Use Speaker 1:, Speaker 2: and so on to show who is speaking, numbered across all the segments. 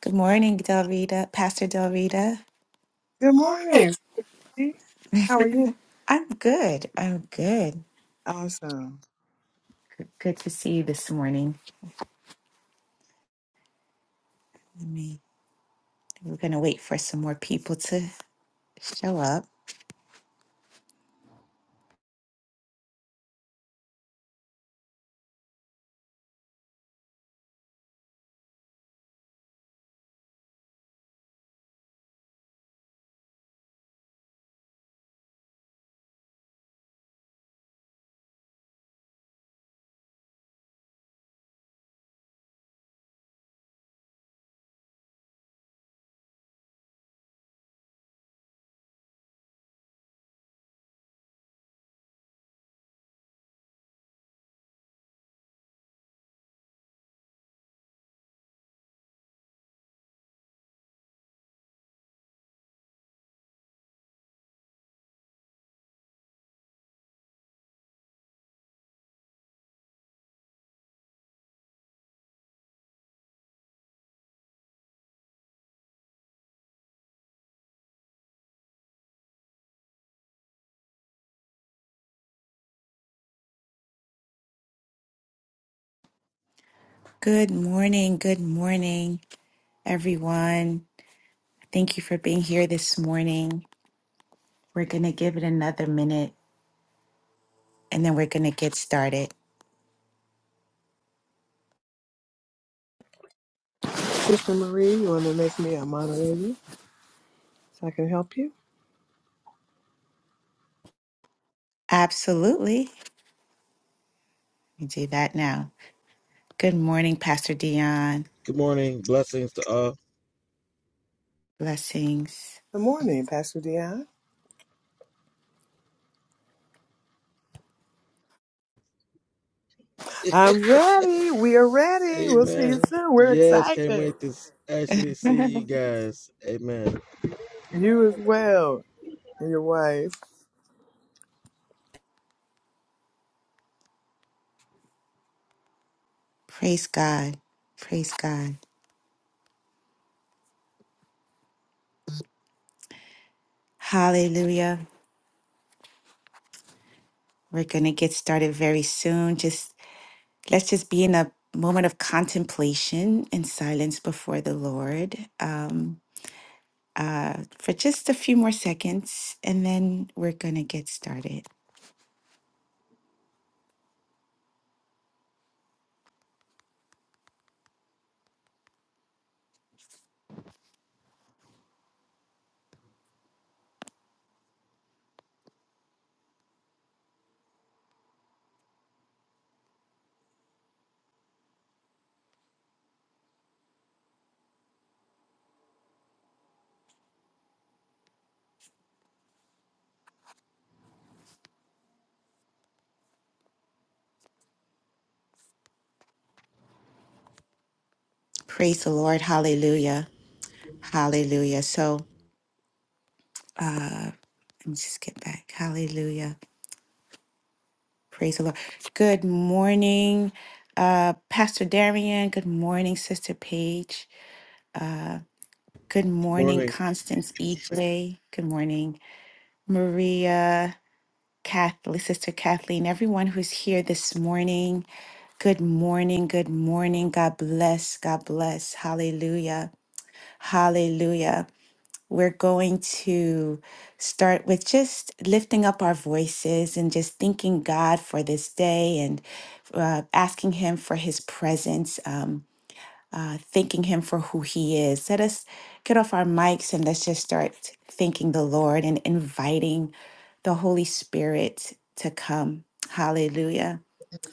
Speaker 1: Good morning, Del Rita, Pastor Del Rita.
Speaker 2: Good
Speaker 1: Morning.
Speaker 2: morning. Steve. How are you?
Speaker 1: I'm good. I'm good.
Speaker 2: Awesome.
Speaker 1: Good good to see you this morning. Let me, we're going to wait for some more people to show up. Good morning. Good morning, everyone. Thank you for being here this morning. We're going to give it another minute and then we're going to get started.
Speaker 2: Sister Marie, you want to make me a moderator so I can help you?
Speaker 1: Absolutely. We do that now. Good morning, Pastor Dion.
Speaker 3: Good morning. Blessings to all.
Speaker 1: Blessings.
Speaker 2: Good morning, Pastor Dion. I'm ready. We are ready. We'll see you
Speaker 3: Amen.
Speaker 2: soon. We're
Speaker 3: Yes, can't
Speaker 2: excited.
Speaker 3: wait to s- actually see you guys. Amen.
Speaker 2: You as well, and your wife.
Speaker 1: Praise God. Praise God. Hallelujah. We're going to get started very soon. Just let's just be in a moment of contemplation and silence before the Lord um, uh, for just a few more seconds, and then we're going to get started. Praise the Lord. Hallelujah. Hallelujah. So let me just get back. Hallelujah. Praise the Lord. Good morning, uh, Pastor Darian. Good morning, Sister Paige. Good
Speaker 3: Good
Speaker 1: morning,
Speaker 3: morning.
Speaker 1: Constance E. J. Good morning. Maria, Kathleen, Sister Kathleen, everyone who's here this morning. Good morning. Good morning. God bless. God bless. Hallelujah. Hallelujah. We're going to start with just lifting up our voices and just thanking God for this day and uh, asking Him for His presence. Um, uh, thanking Him for who He is. Let us get off our mics and let's just start thanking the Lord and inviting the Holy Spirit to come. Hallelujah.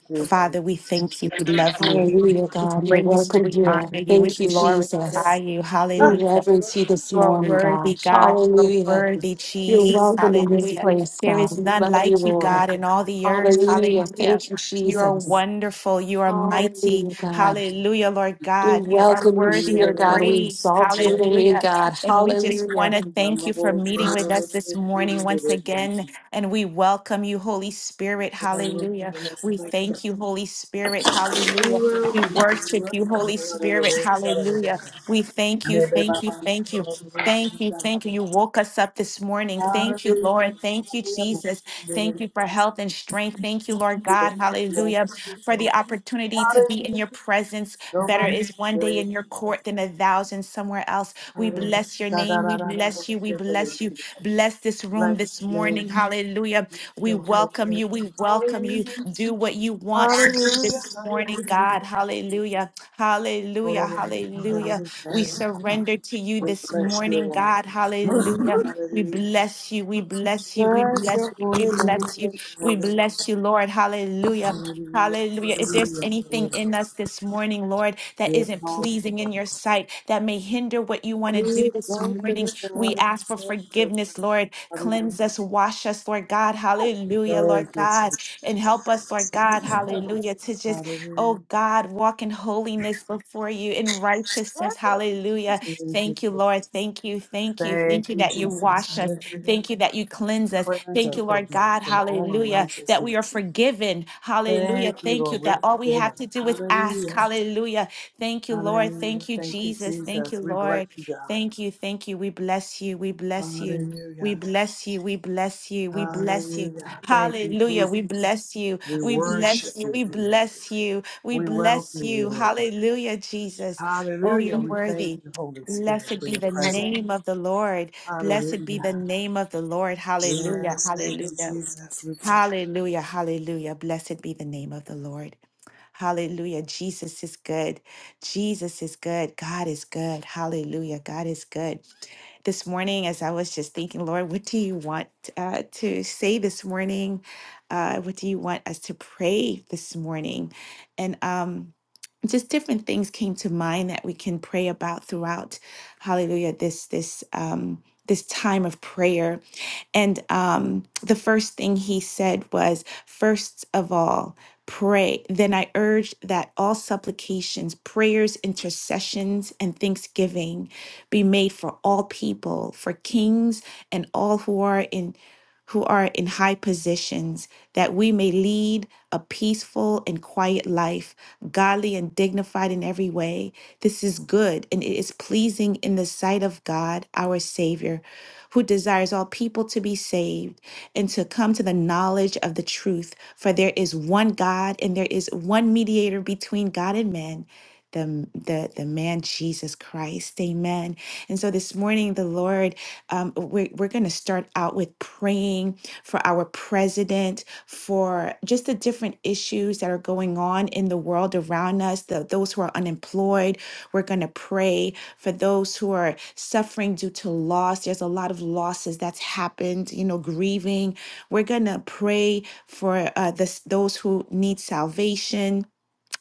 Speaker 1: Father, we thank you. We love you.
Speaker 4: Hallelujah,
Speaker 1: We
Speaker 4: God. You're
Speaker 1: praise you.
Speaker 4: welcome
Speaker 1: We honor
Speaker 4: here.
Speaker 1: you. We
Speaker 4: Thank you,
Speaker 1: glorify
Speaker 4: Jesus.
Speaker 1: you.
Speaker 4: We
Speaker 1: Hallelujah.
Speaker 4: reverence you this
Speaker 1: You are
Speaker 4: morning,
Speaker 1: worthy,
Speaker 4: God.
Speaker 1: God. You are
Speaker 4: Hallelujah.
Speaker 1: worthy,
Speaker 4: You're
Speaker 1: Jesus.
Speaker 4: welcome in this
Speaker 1: Hallelujah.
Speaker 4: place,
Speaker 1: There
Speaker 4: God.
Speaker 1: is
Speaker 4: We
Speaker 1: none
Speaker 4: love you,
Speaker 1: like you,
Speaker 4: Lord.
Speaker 1: God, in all the earth.
Speaker 4: Hallelujah.
Speaker 1: Hallelujah.
Speaker 4: Thank you,
Speaker 1: You are
Speaker 4: Jesus.
Speaker 1: wonderful. You are mighty.
Speaker 4: Hallelujah, God.
Speaker 1: Hallelujah, Lord
Speaker 4: We
Speaker 1: God. You are
Speaker 4: welcome you
Speaker 1: worthy of
Speaker 4: here, God. We
Speaker 1: praise.
Speaker 4: exalt your name,
Speaker 1: Hallelujah.
Speaker 4: God.
Speaker 1: And we just want
Speaker 4: Hallelujah.
Speaker 1: to
Speaker 2: Ah.
Speaker 1: thank you for meeting with us this morning once again. And we welcome you, Holy Spirit. Hallelujah. We thank you, Holy Spirit. Hallelujah. We worship you, Holy Spirit. Hallelujah. We thank you, thank you, thank you. Thank you. Thank you. You woke us up this morning. Thank you,
Speaker 2: Hallelujah.
Speaker 1: Lord. Thank you, Jesus. Thank you for health and strength. Thank you, Lord God. Hallelujah. For the opportunity to be in your presence. Better
Speaker 2: Nobody
Speaker 1: is one day
Speaker 2: shares.
Speaker 1: in your court than a thousand somewhere else. We bless your
Speaker 2: Da da
Speaker 1: name.
Speaker 2: da
Speaker 1: We
Speaker 2: da da.
Speaker 1: bless you. We bless you. Bless this room
Speaker 2: Bless
Speaker 1: this
Speaker 2: your name.
Speaker 1: morning. Hallelujah. We welcome you. We welcome
Speaker 2: Hallelujah.
Speaker 1: you. Do what you want to do
Speaker 2: Hallelujah.
Speaker 1: this morning, God. Hallelujah. Hallelujah.
Speaker 2: Hallelujah.
Speaker 1: Hallelujah. We
Speaker 2: Hallelujah.
Speaker 1: surrender to you
Speaker 2: We
Speaker 1: this
Speaker 2: bless your
Speaker 1: morning,
Speaker 2: name.
Speaker 1: God. Hallelujah. We
Speaker 2: Hallelujah.
Speaker 1: bless you. We bless you. We
Speaker 2: Bless
Speaker 1: bless
Speaker 2: your
Speaker 1: you.
Speaker 2: holy
Speaker 1: We
Speaker 2: name.
Speaker 1: bless you.
Speaker 2: Bless your
Speaker 1: We
Speaker 2: holy
Speaker 1: bless you, Lord. Hallelujah.
Speaker 2: name. Hallelujah.
Speaker 1: Hallelujah. If there's
Speaker 2: Hallelujah.
Speaker 1: anything in us this morning, Lord, that
Speaker 2: Yes,
Speaker 1: isn't pleasing
Speaker 2: yes,
Speaker 1: in your sight, that may hinder what you want to do
Speaker 2: Good
Speaker 1: this
Speaker 2: God, the
Speaker 1: morning, we
Speaker 2: God of
Speaker 1: ask for
Speaker 2: justice.
Speaker 1: forgiveness, Lord.
Speaker 2: Hallelujah.
Speaker 1: Cleanse us, wash us, Lord God. Hallelujah,
Speaker 2: Thank
Speaker 1: Lord
Speaker 2: you,
Speaker 1: God.
Speaker 2: Jesus.
Speaker 1: And help us, Lord God. Hallelujah. To just
Speaker 2: Hallelujah.
Speaker 1: Oh God, walk in holiness before you in righteousness. Hallelujah.
Speaker 2: Thank you,
Speaker 1: Thank you,
Speaker 2: Jesus.
Speaker 1: Lord. Thank you. Thank you. Thank
Speaker 2: Thank
Speaker 1: you
Speaker 2: you,
Speaker 1: that you
Speaker 2: Jesus.
Speaker 1: wash us.
Speaker 2: Hallelujah.
Speaker 1: Thank you that you cleanse us.
Speaker 2: Cleanse
Speaker 1: Thank you,
Speaker 2: us, oh
Speaker 1: Lord
Speaker 2: God,
Speaker 1: God.
Speaker 2: from all
Speaker 1: Hallelujah. That we are
Speaker 2: unrighteousness.
Speaker 1: forgiven. Hallelujah.
Speaker 2: Thank you,
Speaker 1: Thank you
Speaker 2: Lord.
Speaker 1: that
Speaker 2: We're
Speaker 1: all we
Speaker 2: forgiven.
Speaker 1: have to do is ask.
Speaker 2: Hallelujah.
Speaker 1: Hallelujah. Thank you, Lord. Thank
Speaker 2: Hallelujah.
Speaker 1: you,
Speaker 2: Thank you,
Speaker 1: Jesus. Thank you,
Speaker 2: Jesus. We bless
Speaker 1: Lord.
Speaker 2: you, God.
Speaker 1: Thank you. Thank you. We bless you. We bless you. We
Speaker 2: Hallelujah.
Speaker 1: bless you. We bless you. We bless you.
Speaker 2: Hallelujah. Thank you,
Speaker 1: Hallelujah. We
Speaker 2: Jesus.
Speaker 1: bless you.
Speaker 2: We
Speaker 1: We
Speaker 2: worship
Speaker 1: bless you.
Speaker 2: you
Speaker 1: We
Speaker 2: today.
Speaker 1: bless you. We
Speaker 2: We
Speaker 1: bless
Speaker 2: welcome you,
Speaker 1: you.
Speaker 2: Lord God.
Speaker 1: Hallelujah, Jesus. Oh, you're
Speaker 2: Hallelujah. We thank
Speaker 1: worthy.
Speaker 2: you, Holy Spirit,
Speaker 1: Blessed
Speaker 2: for
Speaker 1: be
Speaker 2: your
Speaker 1: the
Speaker 2: presence.
Speaker 1: name of the Lord. Blessed be the
Speaker 2: Hallelujah.
Speaker 1: name of the Lord. Hallelujah.
Speaker 2: Yes, thank you,
Speaker 1: Hallelujah.
Speaker 2: Jesus. We pray.
Speaker 1: Hallelujah, hallelujah. Blessed be the name of the Lord. Hallelujah. Jesus is good. Jesus is good. God is good. Hallelujah. God is good. This morning, as I was just thinking, Lord, what do you want uh, to say this morning? Uh, what do you want us to pray this morning? And um, just different things came to mind that we can pray about throughout hallelujah this this um this time of prayer and um the first thing he said was first of all pray then i urge that all supplications prayers intercessions and thanksgiving be made for all people for kings and all who are in who are in high positions, that we may lead a peaceful and quiet life, godly and dignified in every way. This is good and it is pleasing in the sight of God, our Savior, who desires all people to be saved and to come to the knowledge of the truth. For there is one God and there is one mediator between God and men the, the, the man Jesus Christ. Amen. And so this morning, the Lord, um, we're, we're going to start out with praying for our president, for just the different issues that are going on in the world around us, the, those who are unemployed. We're going to pray for those who are suffering due to loss. There's a lot of losses that's happened, you know, grieving. We're going to pray for uh, this, those who need salvation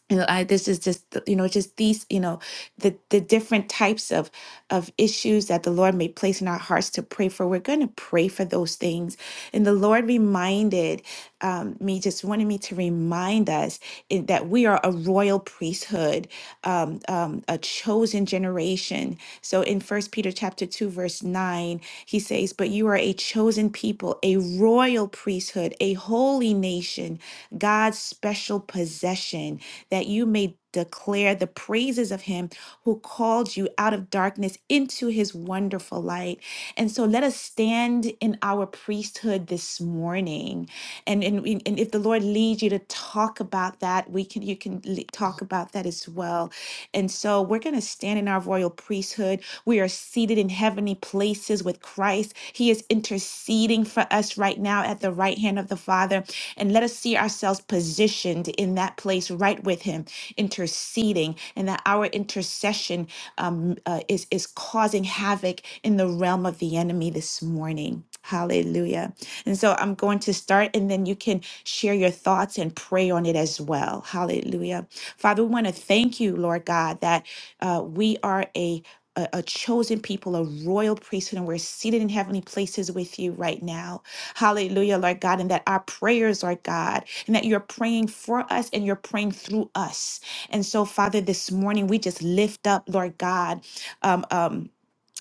Speaker 1: you know, I, this is just, you know, just these, you know, the the different types of of issues that the Lord may place in our hearts to pray for. We're going to pray for those things. And the Lord reminded um, me, just wanted me to remind us in- that we are a royal priesthood, um, um, a chosen generation. So in First Peter chapter 2, verse 9, he says, But you are a chosen people, a royal priesthood, a holy nation, God's special possession, that you may declare the praises of him who called you out of darkness into his wonderful light. And so let us stand in our priesthood this morning. And, and, we- and if the Lord leads you to talk about that, we can you can le- talk about that as well. And so we're going to stand in our royal priesthood. We are seated in heavenly places with Christ. He is interceding for us right now at the right hand of the Father. And let us see ourselves positioned in that place right with him interceding, and that our intercession um, uh, is, is causing havoc in the realm of the enemy this morning. Hallelujah. And so I'm going to start, and then you can share your thoughts and pray on it as well. Hallelujah. Father, we want to thank you, Lord God, that uh, we are a a, a chosen people, a royal priesthood, and we're seated in heavenly places with you right now. Hallelujah, Lord God, and that our prayers, Lord God, and that you're praying for us and you're praying through us. And so, Father, this morning we just lift up, Lord God, um, um,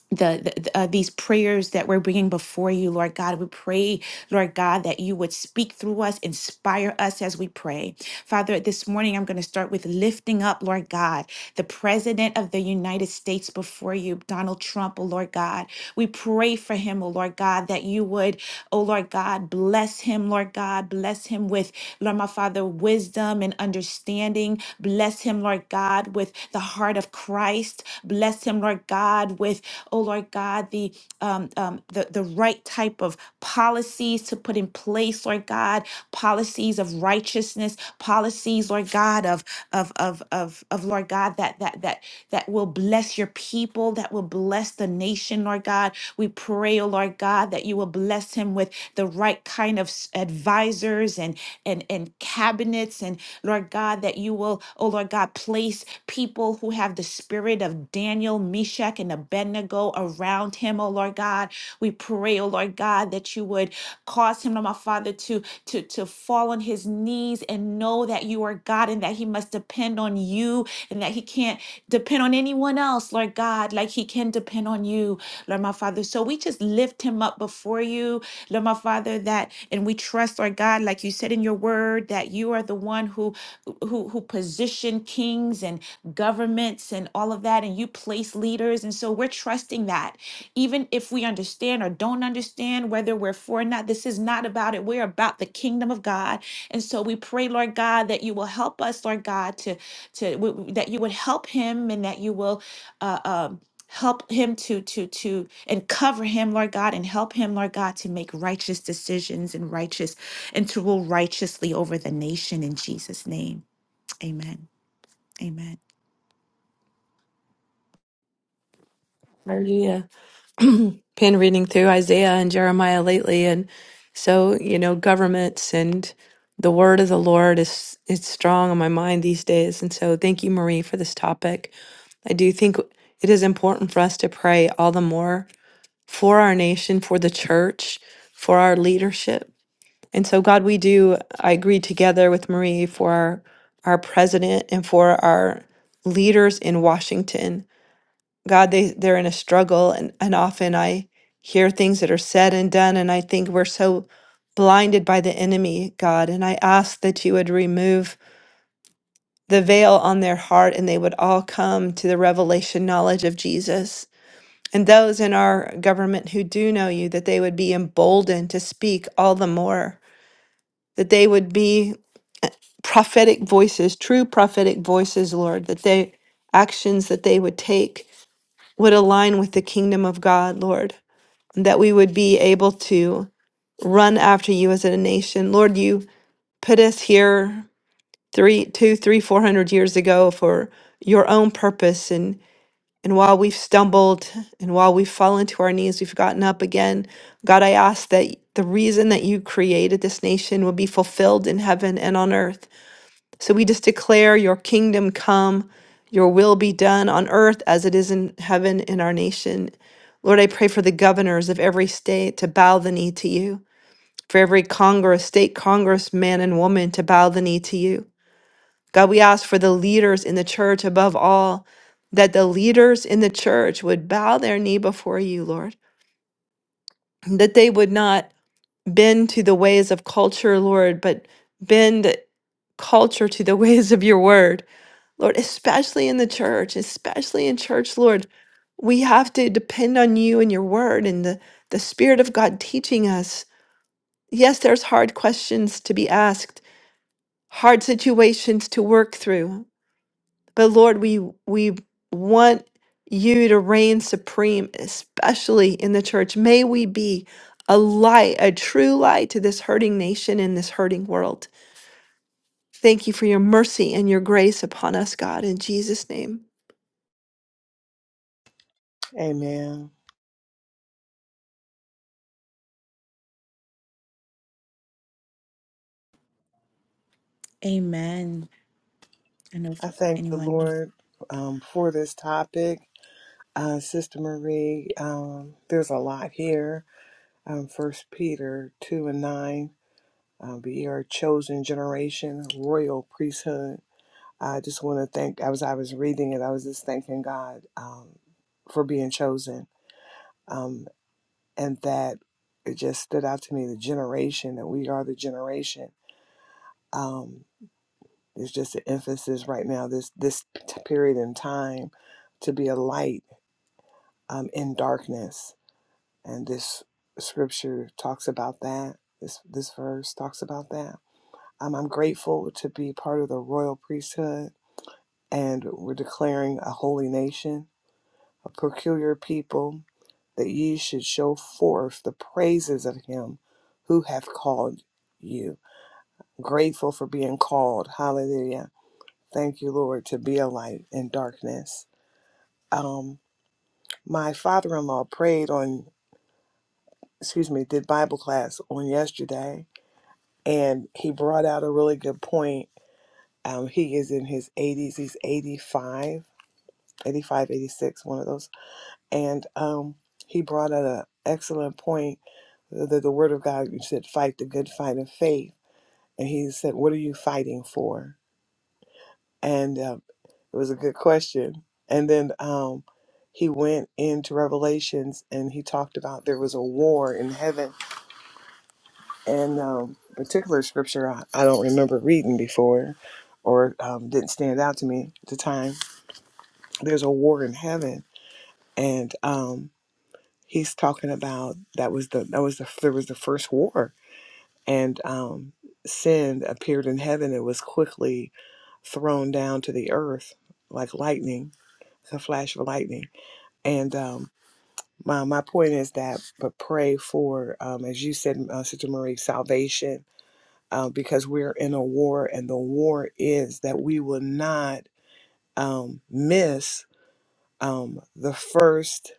Speaker 1: the, the the, uh, these prayers that we're bringing before you, Lord God. We pray, Lord God, that you would speak through us, inspire us as we pray. Father, this morning I'm going to start with lifting up, Lord God the President of the United States before you, Donald Trump, oh Lord God. We pray for him, oh Lord God, that you would, oh Lord God, bless him, Lord God, bless him with, Lord my Father, wisdom and understanding. Bless him, Lord God, with the heart of Christ. Bless him, Lord God, with, oh Lord God, the um, um the, the right type of policies to put in place, Lord God, policies of righteousness righteousness, policies, Lord God, of of of of of Lord God, that that that that will bless your people, that will bless the nation, Lord God. We pray, oh Lord God, that you will bless him with the right kind of s- advisors and and and cabinets and Lord God, that you will, oh Lord God, place people who have the spirit of Daniel, Meshach, and Abednego around him, oh Lord God. We pray, oh Lord. Lord God, that you would cause him, Lord my Father, to to to fall on his knees and know that you are God and that he must depend on you and that he can't depend on anyone else, Lord God, like he can depend on you, Lord my Father. So we just lift him up before you, Lord my Father, that and we trust, Lord God, like you said in your word, that you are the one who who who position kings and governments and all of that, and you place leaders. And so we're trusting that. Even if we understand or don't understand whether we're for or not, this is not about it. We're about the kingdom of God. And so we pray, Lord God, that you will help us, Lord God, to, to w- that you would help him and that you will uh, um, help him to to to and cover him lord god and help him lord god to make righteous decisions and righteous and to rule righteously over the nation in jesus name amen amen
Speaker 5: Hallelujah. Been reading through Isaiah and Jeremiah lately, and so you know, governments and the word of the Lord is is strong on my mind these days. And so, thank you, Marie, for this topic. I do think it is important for us to pray all the more for our nation, for the church, for our leadership. And so, God, we do. I agree together with Marie for our our president and for our leaders in Washington. God, they, they're in a struggle. And, and often I hear things that are said and done, and I think we're so blinded by the enemy, God. And I ask that you would remove the veil on their heart and they would all come to the revelation knowledge of Jesus. And those in our government who do know you, that they would be emboldened to speak all the more, that they would be prophetic voices, true prophetic voices, Lord, that they actions that they would take would align with the kingdom of God, Lord. that we would be able to run after you as a nation. Lord, you put us here three, two, three, four hundred years ago for your own purpose. And, and while we've stumbled and while we've fallen to our knees, we've gotten up again. God, I ask that the reason that you created this nation will be fulfilled in heaven and on earth. So we just declare your kingdom come, your will be done on earth as it is in heaven in our nation. Lord, I pray for the governors of every state to bow the knee to you, for every Congress, state Congress man and woman to bow the knee to you. God, we ask for the leaders in the church above all, that the leaders in the church would bow their knee before you, Lord, that they would not bend to the ways of culture, Lord, but bend culture to the ways of your word Lord, especially in the church, especially in church, Lord, we have to depend on you and your word and the, the Spirit of God teaching us. Yes, there's hard questions to be asked, hard situations to work through. But Lord, we we want you to reign supreme, especially in the church. May we be a light, a true light to this hurting nation and this hurting world. Thank you for your mercy and your grace upon us, God, in Jesus' name.
Speaker 2: Amen.
Speaker 1: amen i know if
Speaker 2: I thank the
Speaker 1: anyone
Speaker 2: Lord um, for this topic. Uh, Sister Marie, um, there's a lot here. Um, 1 Peter 2 and 9, um, but you are your chosen generation, royal priesthood. I just want to thank, as I was reading it, I was just thanking God um, for being chosen. Um, and that it just stood out to me the generation, that we are the generation. Um, There's just an emphasis right now, this this t- period in time, to be a light um, in darkness, and this scripture talks about that. This this verse talks about that. Um, I'm grateful to be part of the royal priesthood, and we're declaring a holy nation, a peculiar people, that ye should show forth the praises of Him who hath called you grateful for being called. Hallelujah. Thank you, Lord, to be a light in darkness. Um, my father-in-law prayed on, excuse me, did Bible class on yesterday, and he brought out a really good point. Um, he is in his 80s. He's 85, 85, eighty-six, one of those. And um, he brought out an excellent point that the Word of God you said, fight the good fight of faith. And he said, what are you fighting for? and um, it was a good question. And then um, he went into Revelations and he talked about there was a war in heaven, and um, particular scripture I, I don't remember reading before, or um, didn't stand out to me at the time. There's a war in heaven, and um, he's talking about that was the that was the there was the first war, and um, sin appeared in heaven. It was quickly thrown down to the earth like lightning the flash of lightning. And um, my my point is that, but pray for, um, as you said, uh, Sister Marie, salvation, uh, because we're in a war, and the war is that we will not um, miss um, the first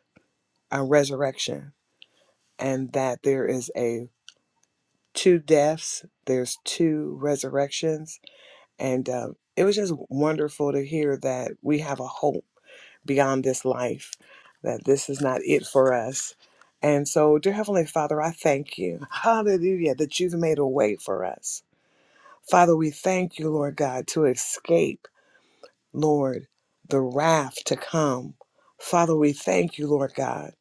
Speaker 2: uh, resurrection, and that there is a two deaths, there's two resurrections, and um, it was just wonderful to hear that we have a hope beyond this life, that this is not it for us. And so, dear Heavenly Father, I thank you. Hallelujah, that you've made a way for us. Father, we thank you, Lord God, to escape, Lord, the wrath to come. Father, we thank you, Lord God,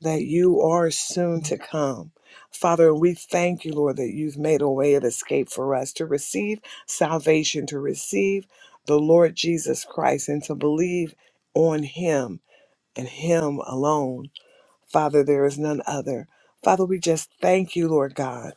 Speaker 2: that you are soon to come. Father, we thank you, Lord, that you've made a way of escape for us to receive salvation, to receive the Lord Jesus Christ, and to believe on him and Him alone. Father, there is none other. Father, we just thank you, Lord God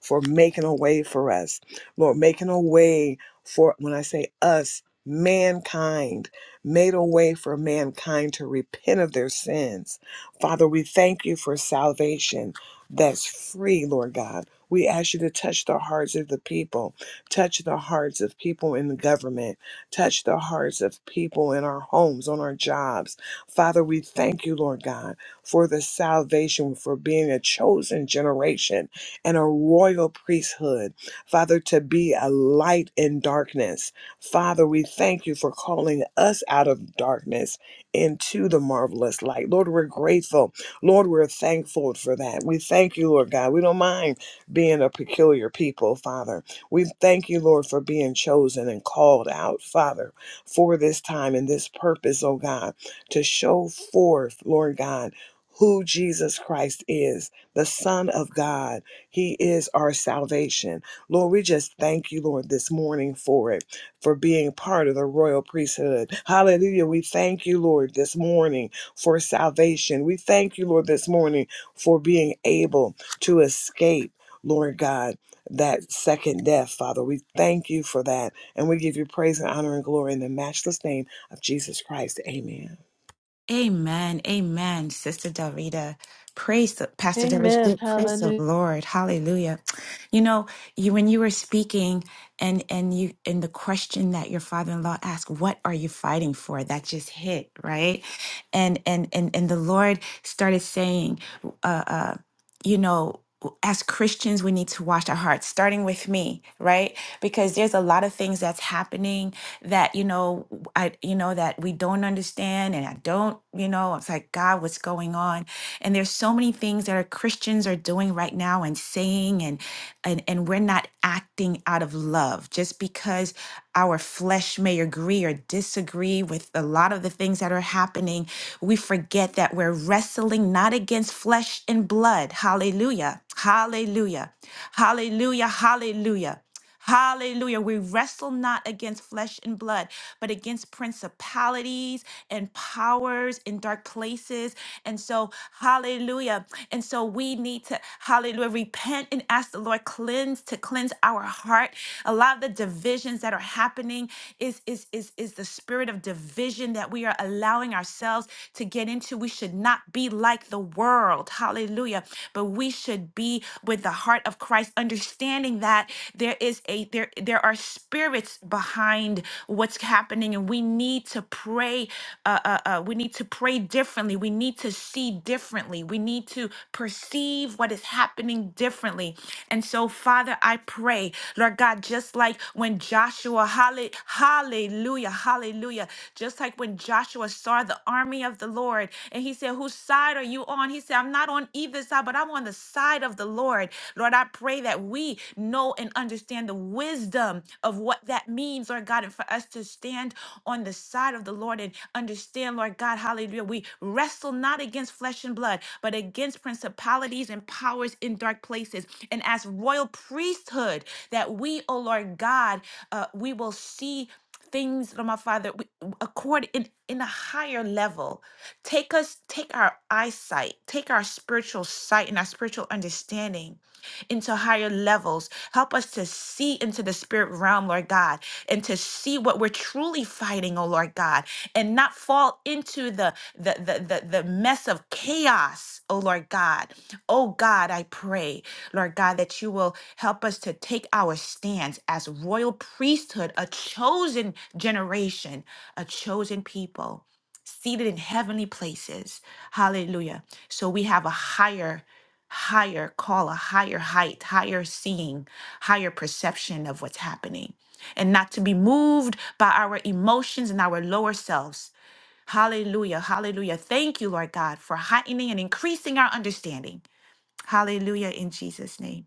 Speaker 2: for making a way for us. Lord, making a way for, when I say us, mankind, made a way for mankind to repent of their sins. Father, we thank you for salvation that's free, Lord God. We ask you to touch the hearts of the people, touch the hearts of people in the government, touch the hearts of people in our homes, on our jobs. Father, we thank you, Lord God, for the salvation, for being a chosen generation and a royal priesthood, Father, to be a light in darkness. Father, we thank you for calling us out of darkness into the marvelous light. Lord, we're grateful. Lord, we're thankful for that. We thank you, Lord God. We don't mind being a peculiar people, Father. We thank you, Lord, for being chosen and called out, Father, for this time and this purpose, oh God, to show forth, Lord God, who Jesus Christ is, the Son of God he is our salvation. Lord, we just thank you, Lord, this morning for it, for being part of the royal priesthood. Hallelujah. We thank you, Lord, this morning for salvation. We thank you, Lord, this morning for being able to escape, Lord God, that second death, Father. We thank you for that. And we give you praise and honor and glory in the matchless name of Jesus Christ. Amen.
Speaker 1: Amen. Amen. Sister Delrita. Praise the Pastor Darita. Praise the Lord. Hallelujah. You know, you when you were speaking and and you and the question that your father-in-law asked, what are you fighting for? That just hit, right? And and and and the Lord started saying, uh, uh, you know, w- as Christians, we need to wash our hearts, starting with me, right? Because there's a lot of things that's happening that, you know, w- I, you know, that we don't understand. And I don't, you know, it's like, God, what's going on? And there's so many things that our Christians are doing right now and saying, and, and, and we're not acting out of love just because our flesh may agree or disagree with a lot lot of the things that are happening, we forget that we're wrestling not against flesh and blood. Hallelujah. Hallelujah. Hallelujah. Hallelujah. Hallelujah. We wrestle not against flesh and blood, but against principalities and powers in dark places. And so, hallelujah. And so we need to, hallelujah, repent and ask the Lord cleanse to cleanse cleanse our heart. A lot of the divisions that are happening is, is, is, is the spirit of division that we are allowing ourselves to get into. We should not be like the world. Hallelujah. But we should be with the heart of Christ, understanding that there is a there there are spirits behind what's happening, and we need to pray. Uh, uh, uh, we need to pray differently. We need to see see differently. We need to perceive what is happening differently. And so, Father, I pray, Lord God, just like when Joshua, halle- hallelujah, hallelujah, just like when Joshua saw the army of the Lord and he said, Whose side are you on? He said, I'm not on either side, but I'm on the side of the Lord. Lord, I pray that we know and understand the wisdom of what that means, Lord God, and for us us to stand on the side of the Lord and understand, Lord God, hallelujah. We wrestle not against flesh and blood, but against principalities and powers in dark places. And as royal priesthood, that we, oh Lord God, uh, we will see things, Lord my Father, we, accord in, in a higher level. Take us, take our eyesight, take our spiritual sight and our spiritual understanding into higher levels. Help us to see into the spirit realm, Lord God, and to see what we're truly fighting, oh Lord God, and not fall into the the the the, the mess of chaos, oh Lord God. Oh God, I pray, Lord God, that you will help us to take our stands as royal priesthood, a chosen generation, a chosen people seated in heavenly places. Hallelujah. So we have a higher, higher call, a higher height, higher seeing, higher perception of what's happening, and not to be moved by our emotions and our lower selves. Hallelujah. Hallelujah. Thank you, Lord God, for heightening and increasing our understanding. Hallelujah. In Jesus' name.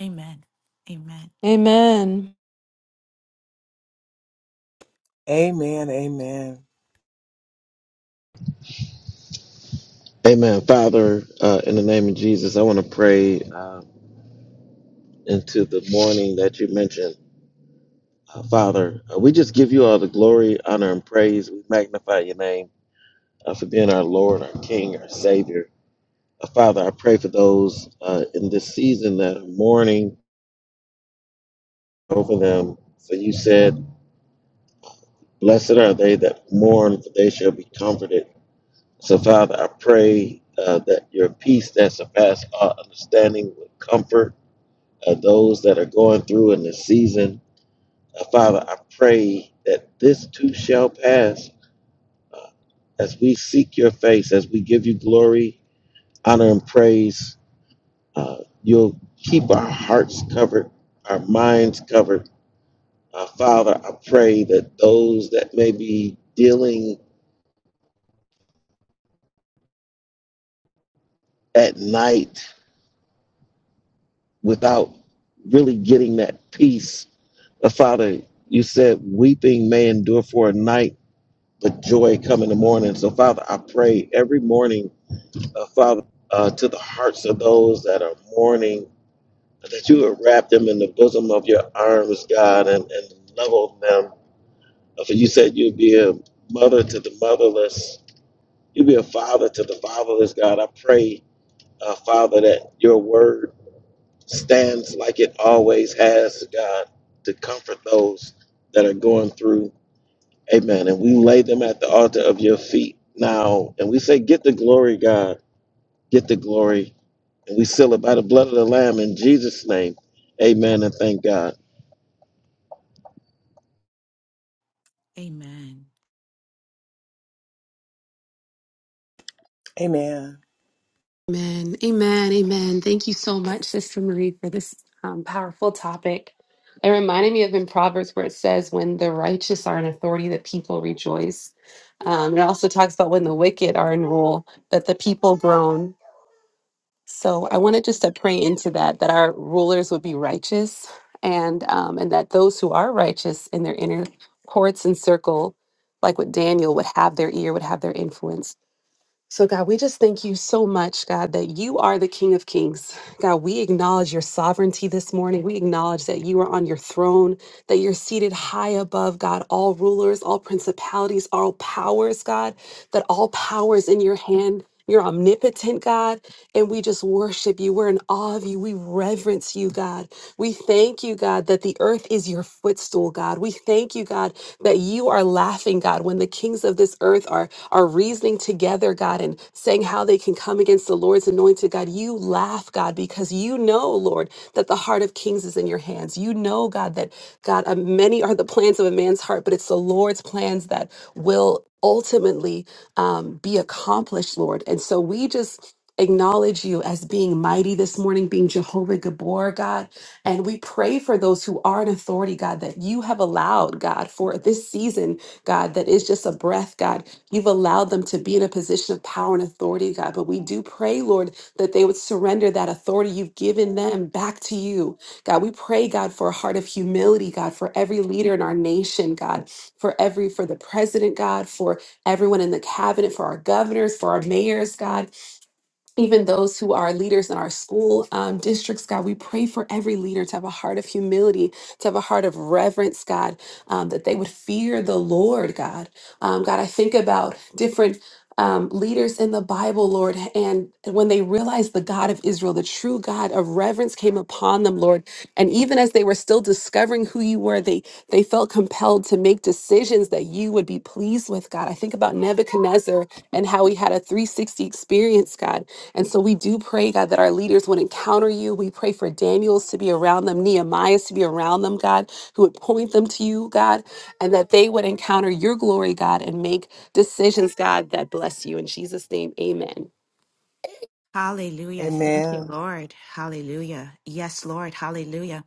Speaker 1: Amen. Amen.
Speaker 5: Amen.
Speaker 2: Amen. Amen.
Speaker 3: Amen. Father, uh, in the name of Jesus, I want to pray uh, into the morning that you mentioned. Uh, Father, uh, we just give you all the glory, honor, and praise. We magnify your name uh, for being our Lord, our King, our Savior. Uh, Father, I pray for those uh, in this season that are mourning over them. For you said, Blessed are they that mourn, for they shall be comforted. So, Father, I pray uh, that your peace that surpasses all understanding would comfort uh, those that are going through in this season. Uh, Father, I pray that this too shall pass uh, as we seek your face, as we give you glory, honor, and praise. Uh, you'll keep our hearts covered, our minds covered. Uh, Father, I pray that those that may be dealing at night without really getting that peace Uh, Father, you said weeping may endure for a night, but joy come in the morning. So, Father, I pray every morning, uh, Father, uh, to the hearts of those that are mourning, uh, that you would wrap them in the bosom of your arms, God, and, and level them. Uh, For you said you'd be a mother to the motherless, you'd be a father to the fatherless, God. I pray, uh, Father, that your word stands like it always has, God, to comfort those that are going through. Amen. And we lay them at the altar of your feet now. And we say, Get the glory, God. Get the glory. And we seal it by the blood of the Lamb in Jesus' name. Amen. And thank God.
Speaker 1: Amen.
Speaker 2: Amen.
Speaker 4: Amen. Amen. Amen. Thank you so much, Sister Marie, for this um, powerful topic. It reminded me of in Proverbs where it says, when the righteous are in authority, the people rejoice. Um, it also talks about when the wicked are in rule, that the people groan. So I wanted just to pray into that, that our rulers would be righteous and um, and that those who are righteous in their inner courts and circle, like with Daniel, would have their ear, would have their influence. So, God, we just thank you so much, God, that you are the King of Kings. God, we acknowledge your sovereignty this morning. We acknowledge that you are on your throne, that you're seated high above, God, all rulers, all principalities, all powers, God, that all power is in your hand. You're omnipotent, God, and we just worship you. We're in awe of you. We reverence you, God. We thank you, God, that the earth is your footstool, God. We thank you, God, that you are laughing, God, when the kings of this earth are are reasoning together, God, and saying how they can come against the Lord's anointed, God, you laugh, God, because you know, Lord, that the heart of kings is in your hands. You know, God, that, God, uh, many are the plans of a man's heart, but it's the Lord's plans that will ultimately um, be accomplished, Lord. And so we just acknowledge you as being mighty this morning, being Jehovah Gabor, God. And we pray for those who are in authority, God, that you have allowed, God, for this season, God, that is just a breath, God. You've allowed them to be in a position of power and authority, God. But we do pray, Lord, that they would surrender that authority you've given them back to you. God, we pray, God, for a heart of humility, God, for every leader in our nation, God, for every, for the president, God, for everyone in the cabinet, for our governors, for our mayors, God even those who are leaders in our school um, districts, God, we pray for every leader to have a heart of humility, to have a heart of reverence, God, um, that they would fear the Lord, God. Um, God, I think about different. Um, leaders in the Bible, Lord, and when they realized the God of Israel, the true God of reverence came upon them, Lord. And even as they were still discovering who you were, they they felt compelled to make decisions that you would be pleased with, God. I think about Nebuchadnezzar and how he had a 360 experience, God and so we do pray, God, that our leaders would encounter you. We pray for Daniels to be around them, Nehemiahs to be around them, God, who would point them to you, God, and that they would encounter your glory, God, and make decisions, God, that bless you. In Jesus' name, amen.
Speaker 1: Hallelujah. Thank you,
Speaker 2: Amen.
Speaker 1: Lord. Hallelujah. Yes, Lord. Hallelujah.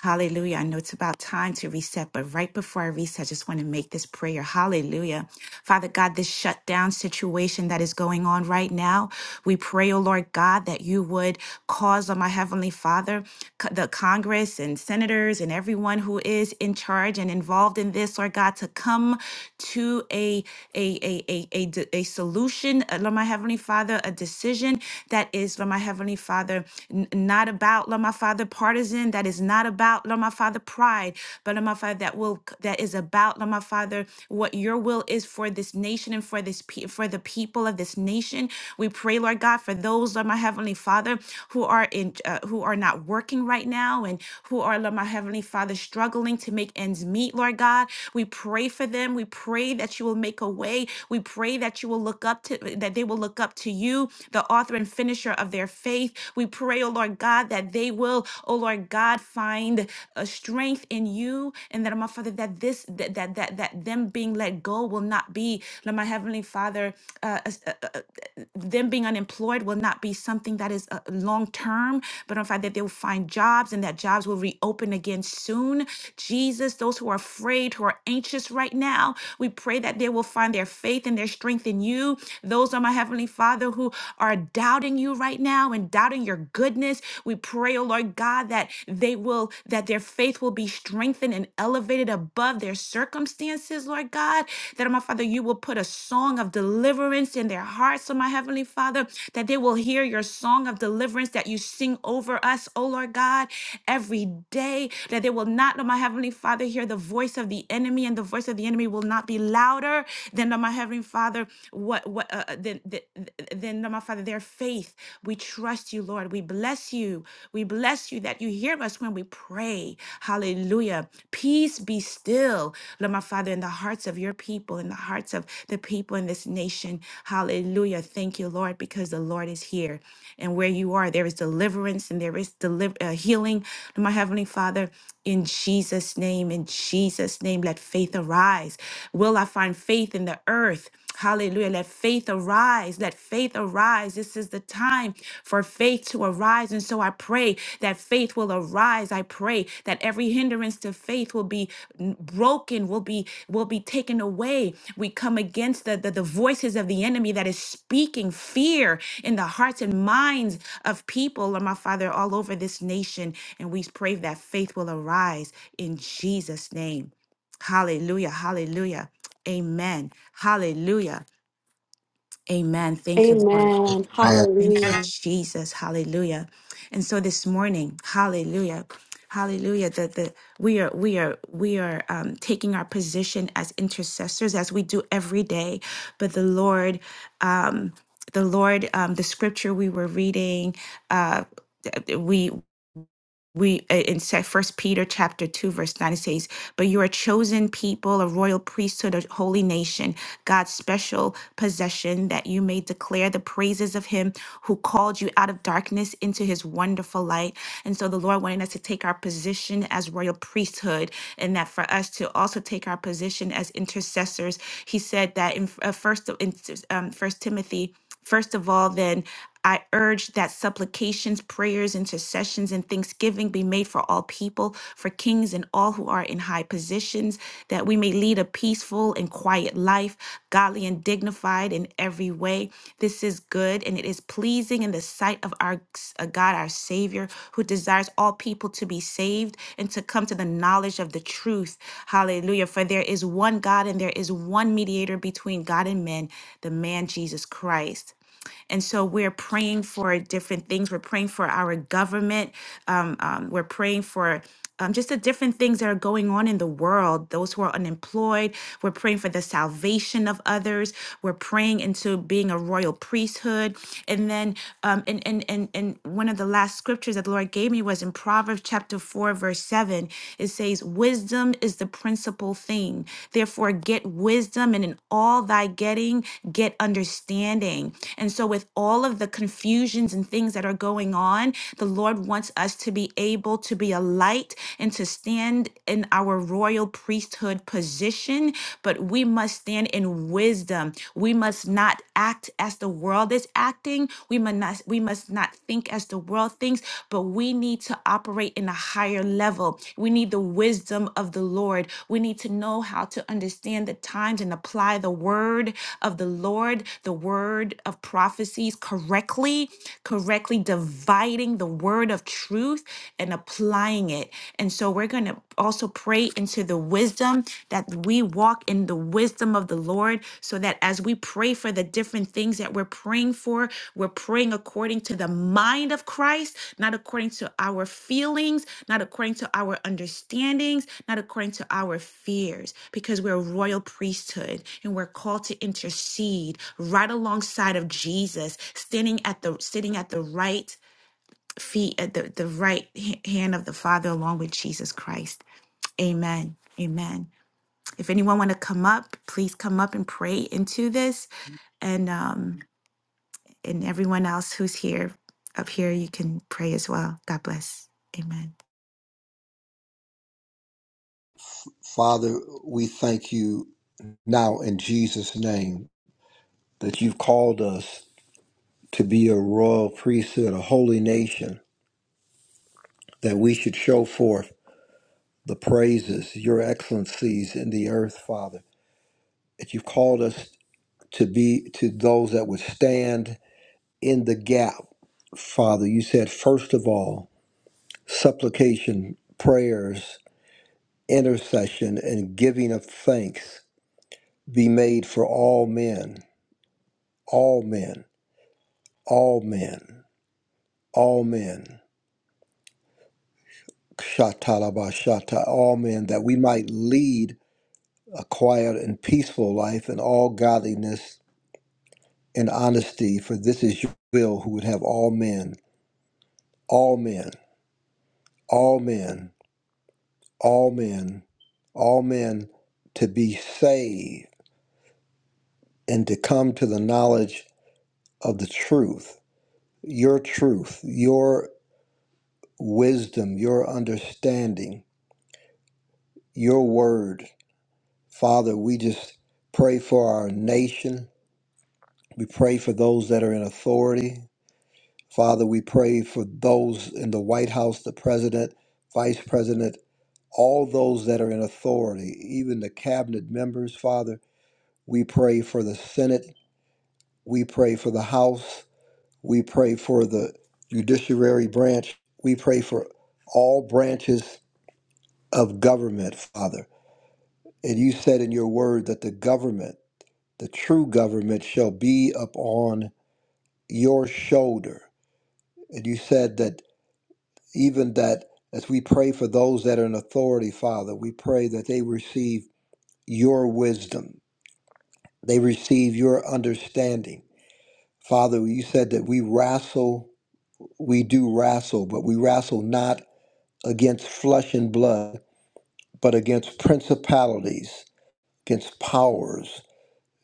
Speaker 1: Hallelujah. I know it's about time to reset, but right before I reset, I just want to make this prayer. Hallelujah. Father God, this shutdown situation that is going on right now, we pray, oh Lord God, that you would cause on my Heavenly Father, co- the Congress and senators and everyone who is in charge and involved in this, Lord God, to come to a, a, a, a, a, a solution action, uh, Lord my Heavenly Father, a decision that is, Lord my Heavenly Father, n- not about, Lord my Father, partisan, that is not about, Lord my Father, pride, but Lord my Father, that will that is about, Lord my Father, what your will is for this nation and for this pe- for the people of this nation. We pray, Lord God, for those, Lord my Heavenly Father, who are in uh, who are not working right now and who are, Lord my Heavenly Heavenly Father, struggling to make ends meet, Lord God. We pray for them. We pray that you will make a way. We pray that you will look up to that they will look up to you, the author and finisher of their faith. We pray, oh Lord God, that they will, oh Lord God, find a strength in you and that my father that this that that that, that them being let go will not be Lord, my heavenly father uh, uh, uh, them being unemployed will not be something that is uh, long term, but in fact that they will find jobs and that jobs will reopen again soon. Jesus, those who are afraid, who are anxious right now, we pray that they will find their faith and their strength in you. Those are my Heavenly Father who are doubting you right now and doubting your goodness. We pray, oh Lord God, that they will, that their faith will be strengthened and elevated above their circumstances circumstances, Lord God, that, oh my Father, you will put a song of deliverance in their hearts, oh my Heavenly Father, that they will hear your song of deliverance that you sing over us, oh Lord God, every day, that they will not, oh my Heavenly Father, hear the voice of the enemy, and the voice of the enemy will not be louder than, oh my Heavenly Father, what, what, uh, uh, than, than, than, oh my Father, their faith. We trust you, Lord. We bless you. We bless bless you that you hear us when we pray. Hallelujah. Peace be still, Lord my Father, in the hearts of your people, in the hearts of the people in this nation. Hallelujah. Thank you, Lord, because the Lord is here. And where you are, there is deliverance and there is deliver, uh, healing. Lord my Heavenly Father, in Jesus' name, in Jesus' name, let faith arise. Will I find faith in the earth? Hallelujah. Let faith arise. Let faith arise. This is the time for faith to arise. And so I pray that faith will arise. I pray that every hindrance to faith will be n- broken, will be will be taken away. We come against the, the, the voices of the enemy that is speaking fear in the hearts and minds of people, Lord my Father, all over this nation. And we pray that faith will arise in Jesus' name. Hallelujah. Hallelujah. Amen. Hallelujah. Amen. Thank you, Lord.
Speaker 4: Amen.
Speaker 6: Man,
Speaker 1: Thank you,
Speaker 4: Hallelujah.
Speaker 1: Jesus. Hallelujah. And so this morning, hallelujah. Hallelujah. That the we are we are we are um, taking our position as intercessors as we do every day. But the Lord, um, the Lord, um, the scripture we were reading, uh, we uh, in se- first peter chapter 2 verse 9 it says but you are a chosen people a royal priesthood a holy nation god's special possession that you may declare the praises of him who called you out of darkness into his wonderful light and so the lord wanted us to take our position as royal priesthood and that for us to also take our position as intercessors he said that in uh, first in um, first timothy First of all, then I urge that supplications, prayers, intercessions, and thanksgiving be made for all people, for kings and all who are in high positions, that we may lead a peaceful and quiet life, godly and dignified in every way. This is good and it is pleasing in the sight of our uh, God, our Savior, who desires all people to be saved and to come to the knowledge of the truth. Hallelujah. For there is one God and there is one mediator between God and men, the man Jesus Christ. And so we're praying for different things. We're praying for our government. Um, um, we're praying for um, just the different things that are going on in the world, those who are unemployed. We're praying for the salvation of others. We're praying into being a royal priesthood. And then, um, and, and, and, and one of the last scriptures that the Lord gave me was in Proverbs chapter 4, verse 7. It says, Wisdom is is the principal thing. Therefore, get wisdom, and in all thy getting, get understanding. And so, with all of the confusions and things that are going on, the Lord wants us to be able to be a light and to stand in our royal priesthood position. But we must stand in wisdom. We must not act as the world is acting. We must not must we must not think as the world thinks, but we need to operate in a higher level. We need the wisdom of the Lord. We need to know how to understand the times and apply the word of the Lord, the word of prophecies correctly, correctly dividing the word of truth and applying it. And so we're going to also pray into the wisdom that we walk in the wisdom of the Lord so that as we pray for the different things that we're praying for, we're praying according to the mind of Christ, not according to our feelings, not according to our understandings, not according to our fears, because we're a royal priesthood and we're called to intercede right alongside of Jesus, standing at the sitting at the right feet at the, the right h- hand of the Father along with Jesus Christ. Amen. Amen. If anyone want to come up, please come up and pray into this. And um, and everyone else who's here up here, you can pray as well. God bless. Amen.
Speaker 6: Father, we thank you now in Jesus' name that you've called us to be a royal priesthood, a holy nation, that we should show forth the praises, your excellencies in the earth, Father. That you've called us to be to those that would stand in the gap, Father. You said, first of all, supplication, prayers, intercession, and giving of thanks be made for all men, all men. all men, all men, shatalabashata, all men, that we might lead a quiet and peaceful life in all godliness and honesty, for this is your will who would have all men, all men, all men, all men, all men to be saved and to come to the knowledge of the truth, your truth, your wisdom, your understanding, your word. Father, we just pray for our nation. We pray for those that are in authority. Father, we pray for those in the White House, the president, vice president, all those that are in authority, even the cabinet members, Father. We pray for the Senate. We pray for the House. We pray for the judiciary branch. We pray for all branches of government, Father. And you said in your word that the government the true government shall be upon your shoulder. And you said that even that as we pray for those that are in authority, Father, we pray that they receive your wisdom, they receive your understanding. Father, you said that we wrestle, we do wrestle, but we wrestle not against flesh and blood, but against principalities, against powers,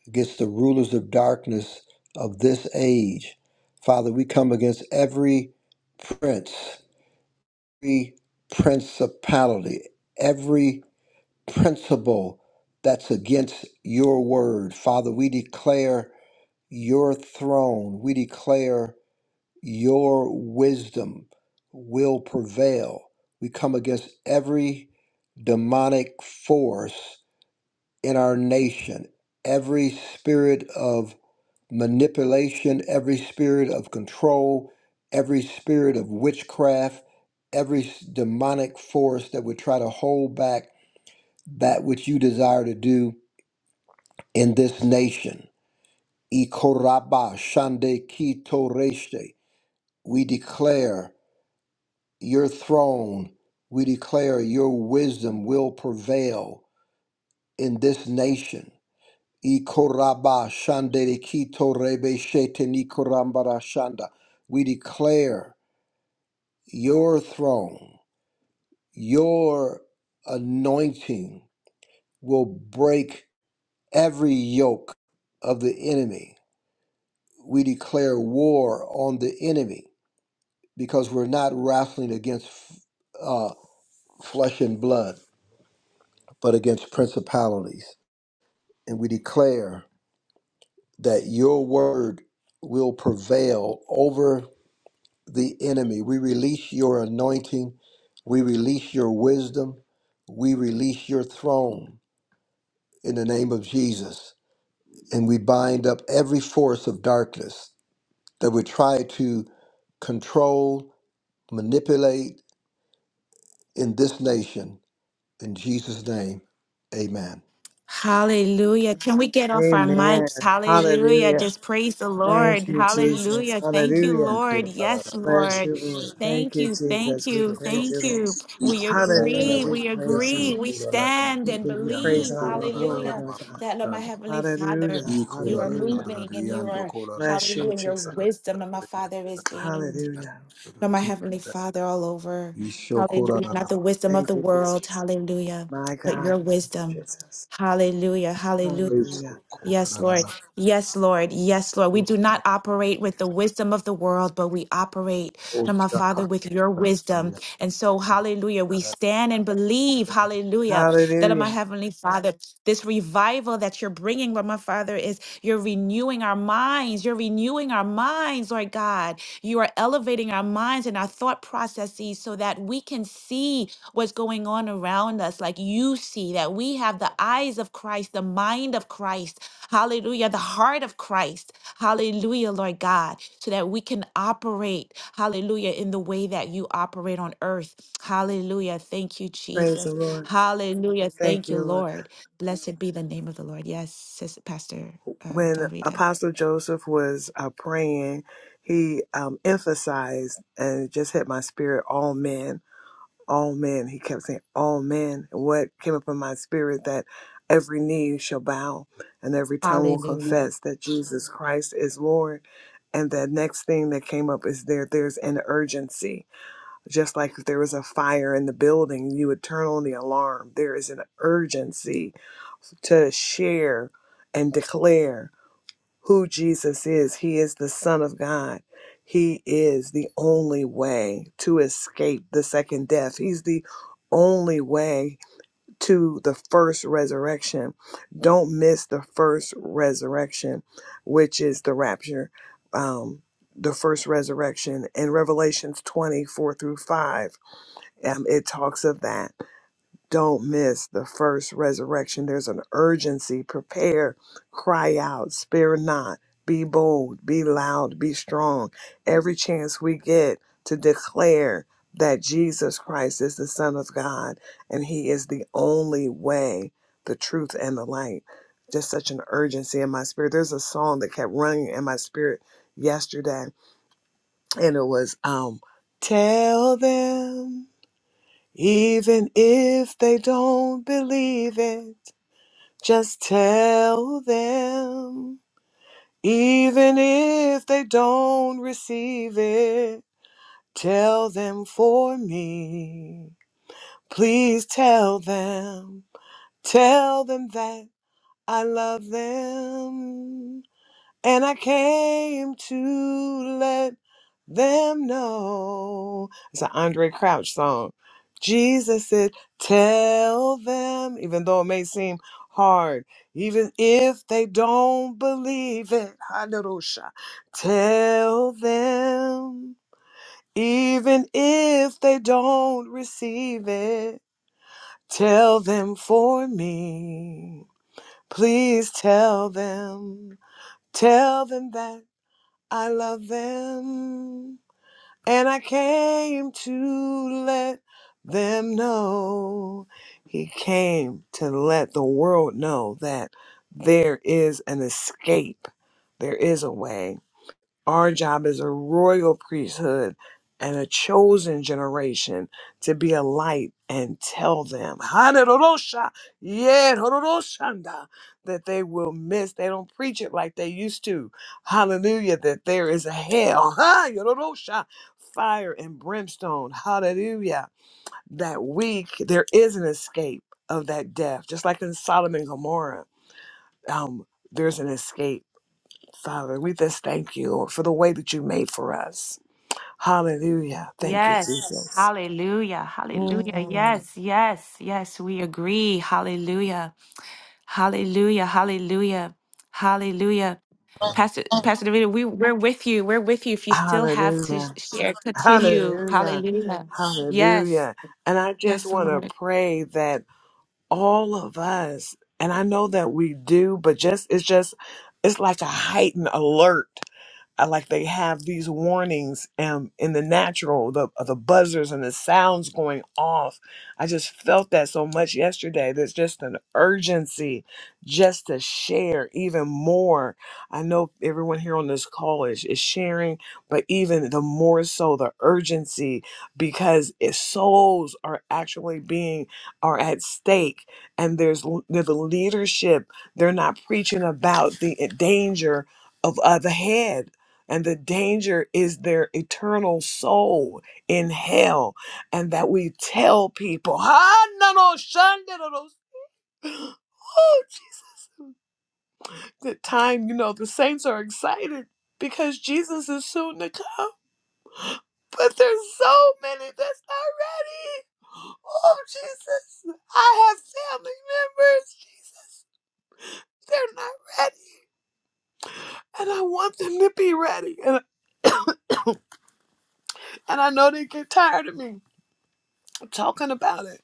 Speaker 6: against the rulers of darkness of this age. Father, we come against every prince, every principality, every principle that's against your word. Father, we declare your throne, we declare your wisdom will prevail. We come against every demonic force in our nation, every spirit of manipulation, every spirit of control, every spirit of witchcraft, every s- demonic force that would try to hold back that which you desire to do in this nation. Ikoraba shande kito reshte. We declare your throne. We declare your wisdom will prevail in this nation. Ikoraba shande kito rebe shete nikorambara shanda. We declare Your throne, your anointing will break every yoke of the enemy. We declare war on the enemy because we're not wrestling against uh, flesh and blood, but against principalities. And we declare that your word will prevail over the enemy. We release your anointing. We release your wisdom. We release your throne in the name of Jesus. And we bind up every force of darkness that would try to control, manipulate in this nation. In Jesus' name, amen.
Speaker 1: Hallelujah. Can we get off our
Speaker 2: Amen.
Speaker 1: mics? Hallelujah.
Speaker 2: Hallelujah.
Speaker 1: Just praise the
Speaker 2: Thank
Speaker 1: Lord.
Speaker 2: you, Jesus.
Speaker 1: Hallelujah. Thank you,
Speaker 2: Hallelujah.
Speaker 1: Lord. Yes,
Speaker 2: Bless
Speaker 1: Lord.
Speaker 2: you, Lord. Thank
Speaker 1: Thank
Speaker 2: you,
Speaker 1: you. Thank
Speaker 2: Jesus. We
Speaker 1: you.
Speaker 2: praise you,
Speaker 1: Thank
Speaker 2: Lord.
Speaker 1: you. We
Speaker 2: Hallelujah.
Speaker 1: agree.
Speaker 2: We
Speaker 1: We
Speaker 2: praise you,
Speaker 1: agree.
Speaker 2: Lord.
Speaker 1: We stand
Speaker 2: We
Speaker 1: and
Speaker 2: give you praise
Speaker 1: believe.
Speaker 2: and honor and glory,
Speaker 1: Hallelujah.
Speaker 2: Lord God.
Speaker 1: That, Lord, my Heavenly Father,
Speaker 2: Hallelujah.
Speaker 1: you are
Speaker 2: Hallelujah.
Speaker 1: moving and you are,
Speaker 2: Bless you,
Speaker 1: hallelujah, your
Speaker 2: Jesus.
Speaker 1: wisdom, and my Father is being taken.
Speaker 2: Hallelujah.
Speaker 1: Lord, my Heavenly Father, all over. Hallelujah. Not the wisdom of
Speaker 2: Thank
Speaker 1: the
Speaker 2: you,
Speaker 1: world.
Speaker 2: Jesus.
Speaker 1: Hallelujah.
Speaker 2: My
Speaker 1: But
Speaker 2: God.
Speaker 1: your
Speaker 2: Thank you,
Speaker 1: wisdom.
Speaker 2: Jesus.
Speaker 1: Hallelujah. Hallelujah.
Speaker 2: Hallelujah.
Speaker 1: Yes, Lord.
Speaker 6: Ishokorarara,
Speaker 1: Yes, Lord. Yes, Lord. We do not operate with the wisdom of the world, but we operate, Lord, my Father, with your wisdom. And so, hallelujah, we stand and believe, hallelujah, that, Lord, my
Speaker 2: Hallelujah.
Speaker 1: Heavenly Father, this revival that you're bringing, Lord, my Father, is you're renewing our minds. You're renewing our minds, Lord God. You are elevating our minds and our thought processes so that we can see what's going on around us like you see, that we have the eyes of Christ, the mind of Christ. Hallelujah. The heart of Christ. Hallelujah, Lord God, so that we can operate, hallelujah, in the way that you operate on earth. Hallelujah. Thank you,
Speaker 2: Praise the
Speaker 1: Jesus.
Speaker 2: Lord.
Speaker 1: Hallelujah.
Speaker 2: Thank
Speaker 1: Thank you,
Speaker 2: you, Lord.
Speaker 1: Lord. Blessed be the name of the Lord. Yes, Sis- Pastor uh,
Speaker 2: When
Speaker 1: Del Rita.
Speaker 2: Apostle Joseph was uh, praying, he um, emphasized and it just hit my spirit all men all men. He kept saying, all men. And what came up in my spirit that every knee shall bow and every tongue will
Speaker 1: Hallelujah.
Speaker 2: confess that Jesus Christ is Lord. And the next thing that came up is there, there's an urgency. Just like if there was a fire in the building, you would turn on the alarm. There is an urgency to share and declare who Jesus is. He is the Son of God. He is the only way to escape the second death. He's the only way to the first resurrection. Don't miss the first resurrection, which is the rapture, um, the first resurrection. In Revelations 24 through 5, um, it talks of that. Don't miss the first resurrection. There's an urgency. Prepare, cry out, spare not, be bold, be loud, be strong. Every chance we get to declare that Jesus Christ is the Son of God and He is the only way, the truth, and the light. Just such an urgency in my spirit. There's a song that kept running in my spirit yesterday, and it was um, Tell them. Even if they don't believe it, just tell them. Even if they don't receive it, tell them for me. Please tell them. Tell them that I love them. And I came to let them know. It's an Andre Crouch song. Jesus said, Tell them, even though it may seem hard, even if they don't believe it. Hallelujah. Tell them, even if they don't receive it, tell them for me. Please tell them. Tell them that. I love them, and I came to let them know. He came to let the world know that there is an escape, there is a way. Our job is a royal priesthood and a chosen generation to be a light and tell them, Hanerosha, yeah, Hororoshanda, that they will miss. They don't preach it like they used to. Hallelujah, that there is a hell, ha, Yororosha, fire and brimstone. Hallelujah, that week there is an escape of that death, just like in Solomon and Gomorrah. Um, there's an escape Father, we just thank you for the way that you made for us. Hallelujah. Thank you, Yes.
Speaker 1: Yes.
Speaker 2: Jesus.
Speaker 1: Hallelujah. Hallelujah.
Speaker 2: Mm.
Speaker 1: Yes. Yes. Yes. We agree. Hallelujah. Hallelujah. Hallelujah. Hallelujah. Pastor Pastor David, we we're with you. We're with you. If you still have to sh-
Speaker 2: Hallelujah.
Speaker 1: share, continue.
Speaker 2: Hallelujah.
Speaker 1: Hallelujah. Yes.
Speaker 2: Hallelujah. And I just
Speaker 1: Yes,
Speaker 2: want to
Speaker 1: Lord.
Speaker 2: pray that all of us, and I know that we do, but just, it's just, it's like a heightened alert I like they have these warnings um, in the natural, the uh, the buzzers and the sounds going off. I just felt that so much yesterday. There's just an urgency just to share even more. I know everyone here on this call is, is sharing, but even the more so the urgency because if souls are actually being are at stake and there's l- the leadership, they're not preaching about the eh, danger of uh, the head and the danger is their eternal soul in hell and that we tell people "Ah, no, no, shun, no, no, no." oh jesus the time you know the saints are excited because jesus is soon to come but there's so many that's not ready oh jesus i have family members jesus they're not ready and i want them to be ready and, and i know they get tired of me talking about it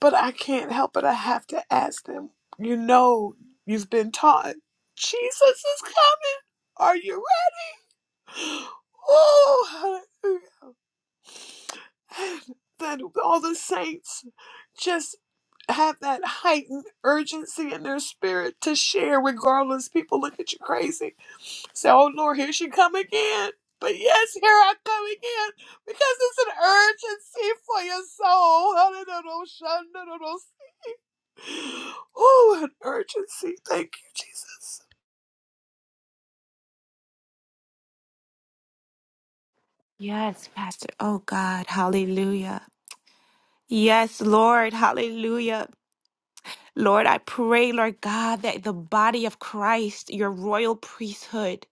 Speaker 2: But I can't help it. I have to ask them. You know, you've been taught Jesus is coming. Are you ready? Oh, hallelujah. That all the saints just have that heightened urgency in their spirit to share, regardless. People look at you crazy. Say, oh, Lord, here she come again. But yes, here I come again because it's an urgency for your soul. Oh, an urgency. Thank you, Jesus.
Speaker 1: Yes, Pastor. Oh God. Hallelujah. Yes, Lord. Hallelujah. Lord, I pray, Lord God, that the body of Christ, your royal priesthood,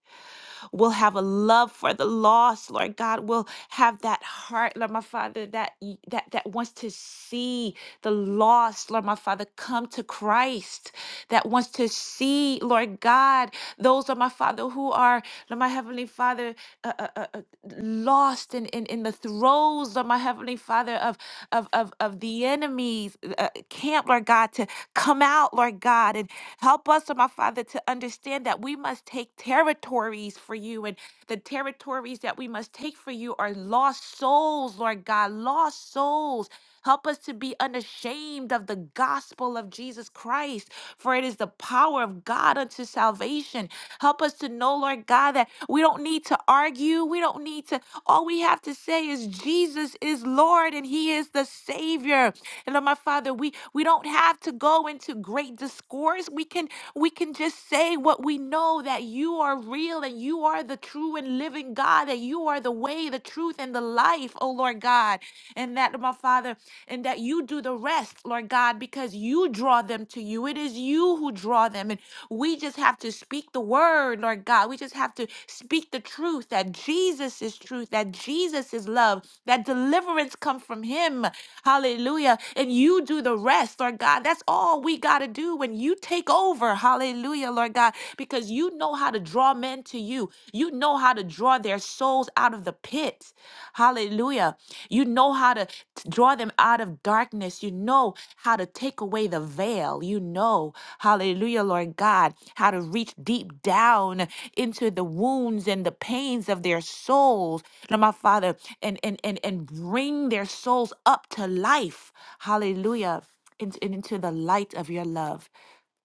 Speaker 1: We'll have a love for the lost, Lord God. We'll have that heart, Lord my Father, that y- that that wants to see the lost, Lord my Father, come to Christ. That wants to see, Lord God, those, Lord my Father, who are, Lord my Heavenly Father, uh, uh, uh, uh, lost in, in, in the throes of my heavenly father of of of, of the enemy's uh, camp lord god to come out lord god and help us Lord my father to understand that we must take territories for you and the territories that we must take for you are lost souls lord god lost souls help us to be unashamed of the gospel of jesus christ for it is the power of god unto salvation Help us to know, Lord God, that we don't need to argue. We don't need to all we have to say is Jesus is Lord and He is the Savior. And Lord, my Father, we we don't have to go into great discourse. We can we can just say what we know that you are real and you are the true and living God, that you are the way, the truth, and the life, oh Lord God and that, my Father, and that you do the rest, Lord God, because you draw them to you. It is you who draw them. And we just have to speak the word, Lord God. We just have to speak the truth that Jesus is truth, that Jesus is love, that deliverance comes from him. Hallelujah. And you do the rest, Lord God. That's all we got to do when you take over. Hallelujah, Lord God, because you know how to draw men to you. You know how to draw their souls out of the pit. Hallelujah. You know how to t- draw them out of darkness. You know how to take away the veil. You know, hallelujah, Lord God, how to reach deep down into the wounds and the pains of their souls. Lord, my Father, and, and, and, and bring their souls up to life. Hallelujah. Into, into the light of your love.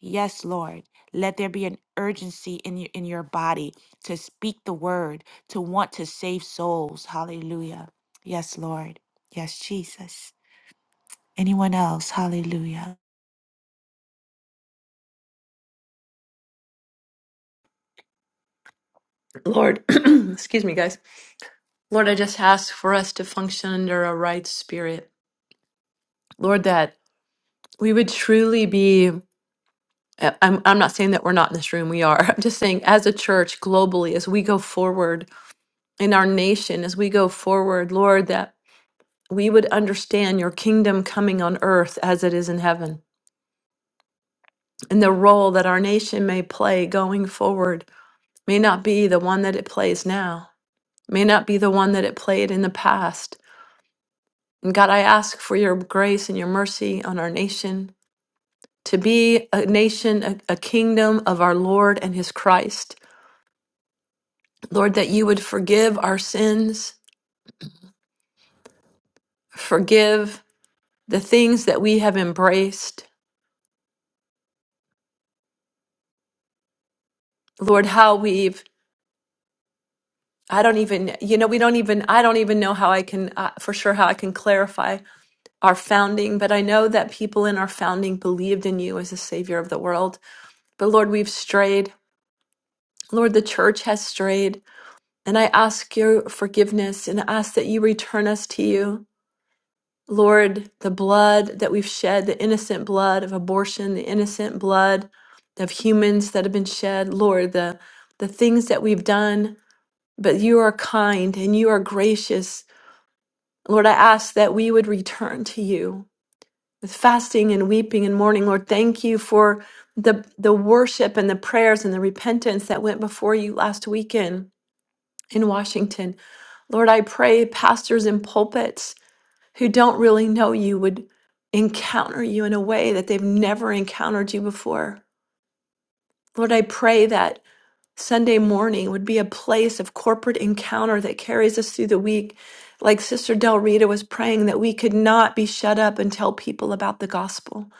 Speaker 1: Yes, Lord. Let there be an urgency in your, in your body to speak the word, to want to save souls. Hallelujah. Yes, Lord. Yes, Jesus. Anyone else? Hallelujah.
Speaker 5: Lord, excuse me, guys. Lord, I just ask for us to function under a right spirit. Lord, that we would truly be. I- I'm, I'm not saying that we're not in this room, we are. I'm just saying, as a church globally, as we go forward in our nation, as we go forward, Lord, that we would understand your kingdom coming on earth as it is in heaven and the role that our nation may play going forward may not be the one that it plays now, may not be the one that it played in the past And God, I ask for your grace and your mercy on our nation to be a nation, a, a kingdom of our Lord and his Christ. Lord, that you would forgive our sins, forgive the things that we have embraced. Lord, how we've, I don't even, you know, we don't even, I don't even know how I can, uh, for sure, how I can clarify our founding, but I know that people in our founding believed in you as the Savior of the world. But Lord, we've strayed. Lord, the church has strayed. And I ask your forgiveness and ask that you return us to you. Lord, the blood that we've shed, the innocent blood of abortion, the innocent blood of humans that have been shed, Lord, the, the things that we've done, but you are kind and you are gracious. Lord, I ask that we would return to you with fasting and weeping and mourning. Lord, thank you for the, the worship and the prayers and the repentance that went before you last weekend in Washington. Lord, I pray pastors in pulpits who don't really know you would encounter you in a way that they've never encountered you before. Lord, I pray that Sunday morning would be a place of corporate encounter that carries us through the week. Like Sister Del Rita was praying, that we could not be shut up and tell people about the gospel.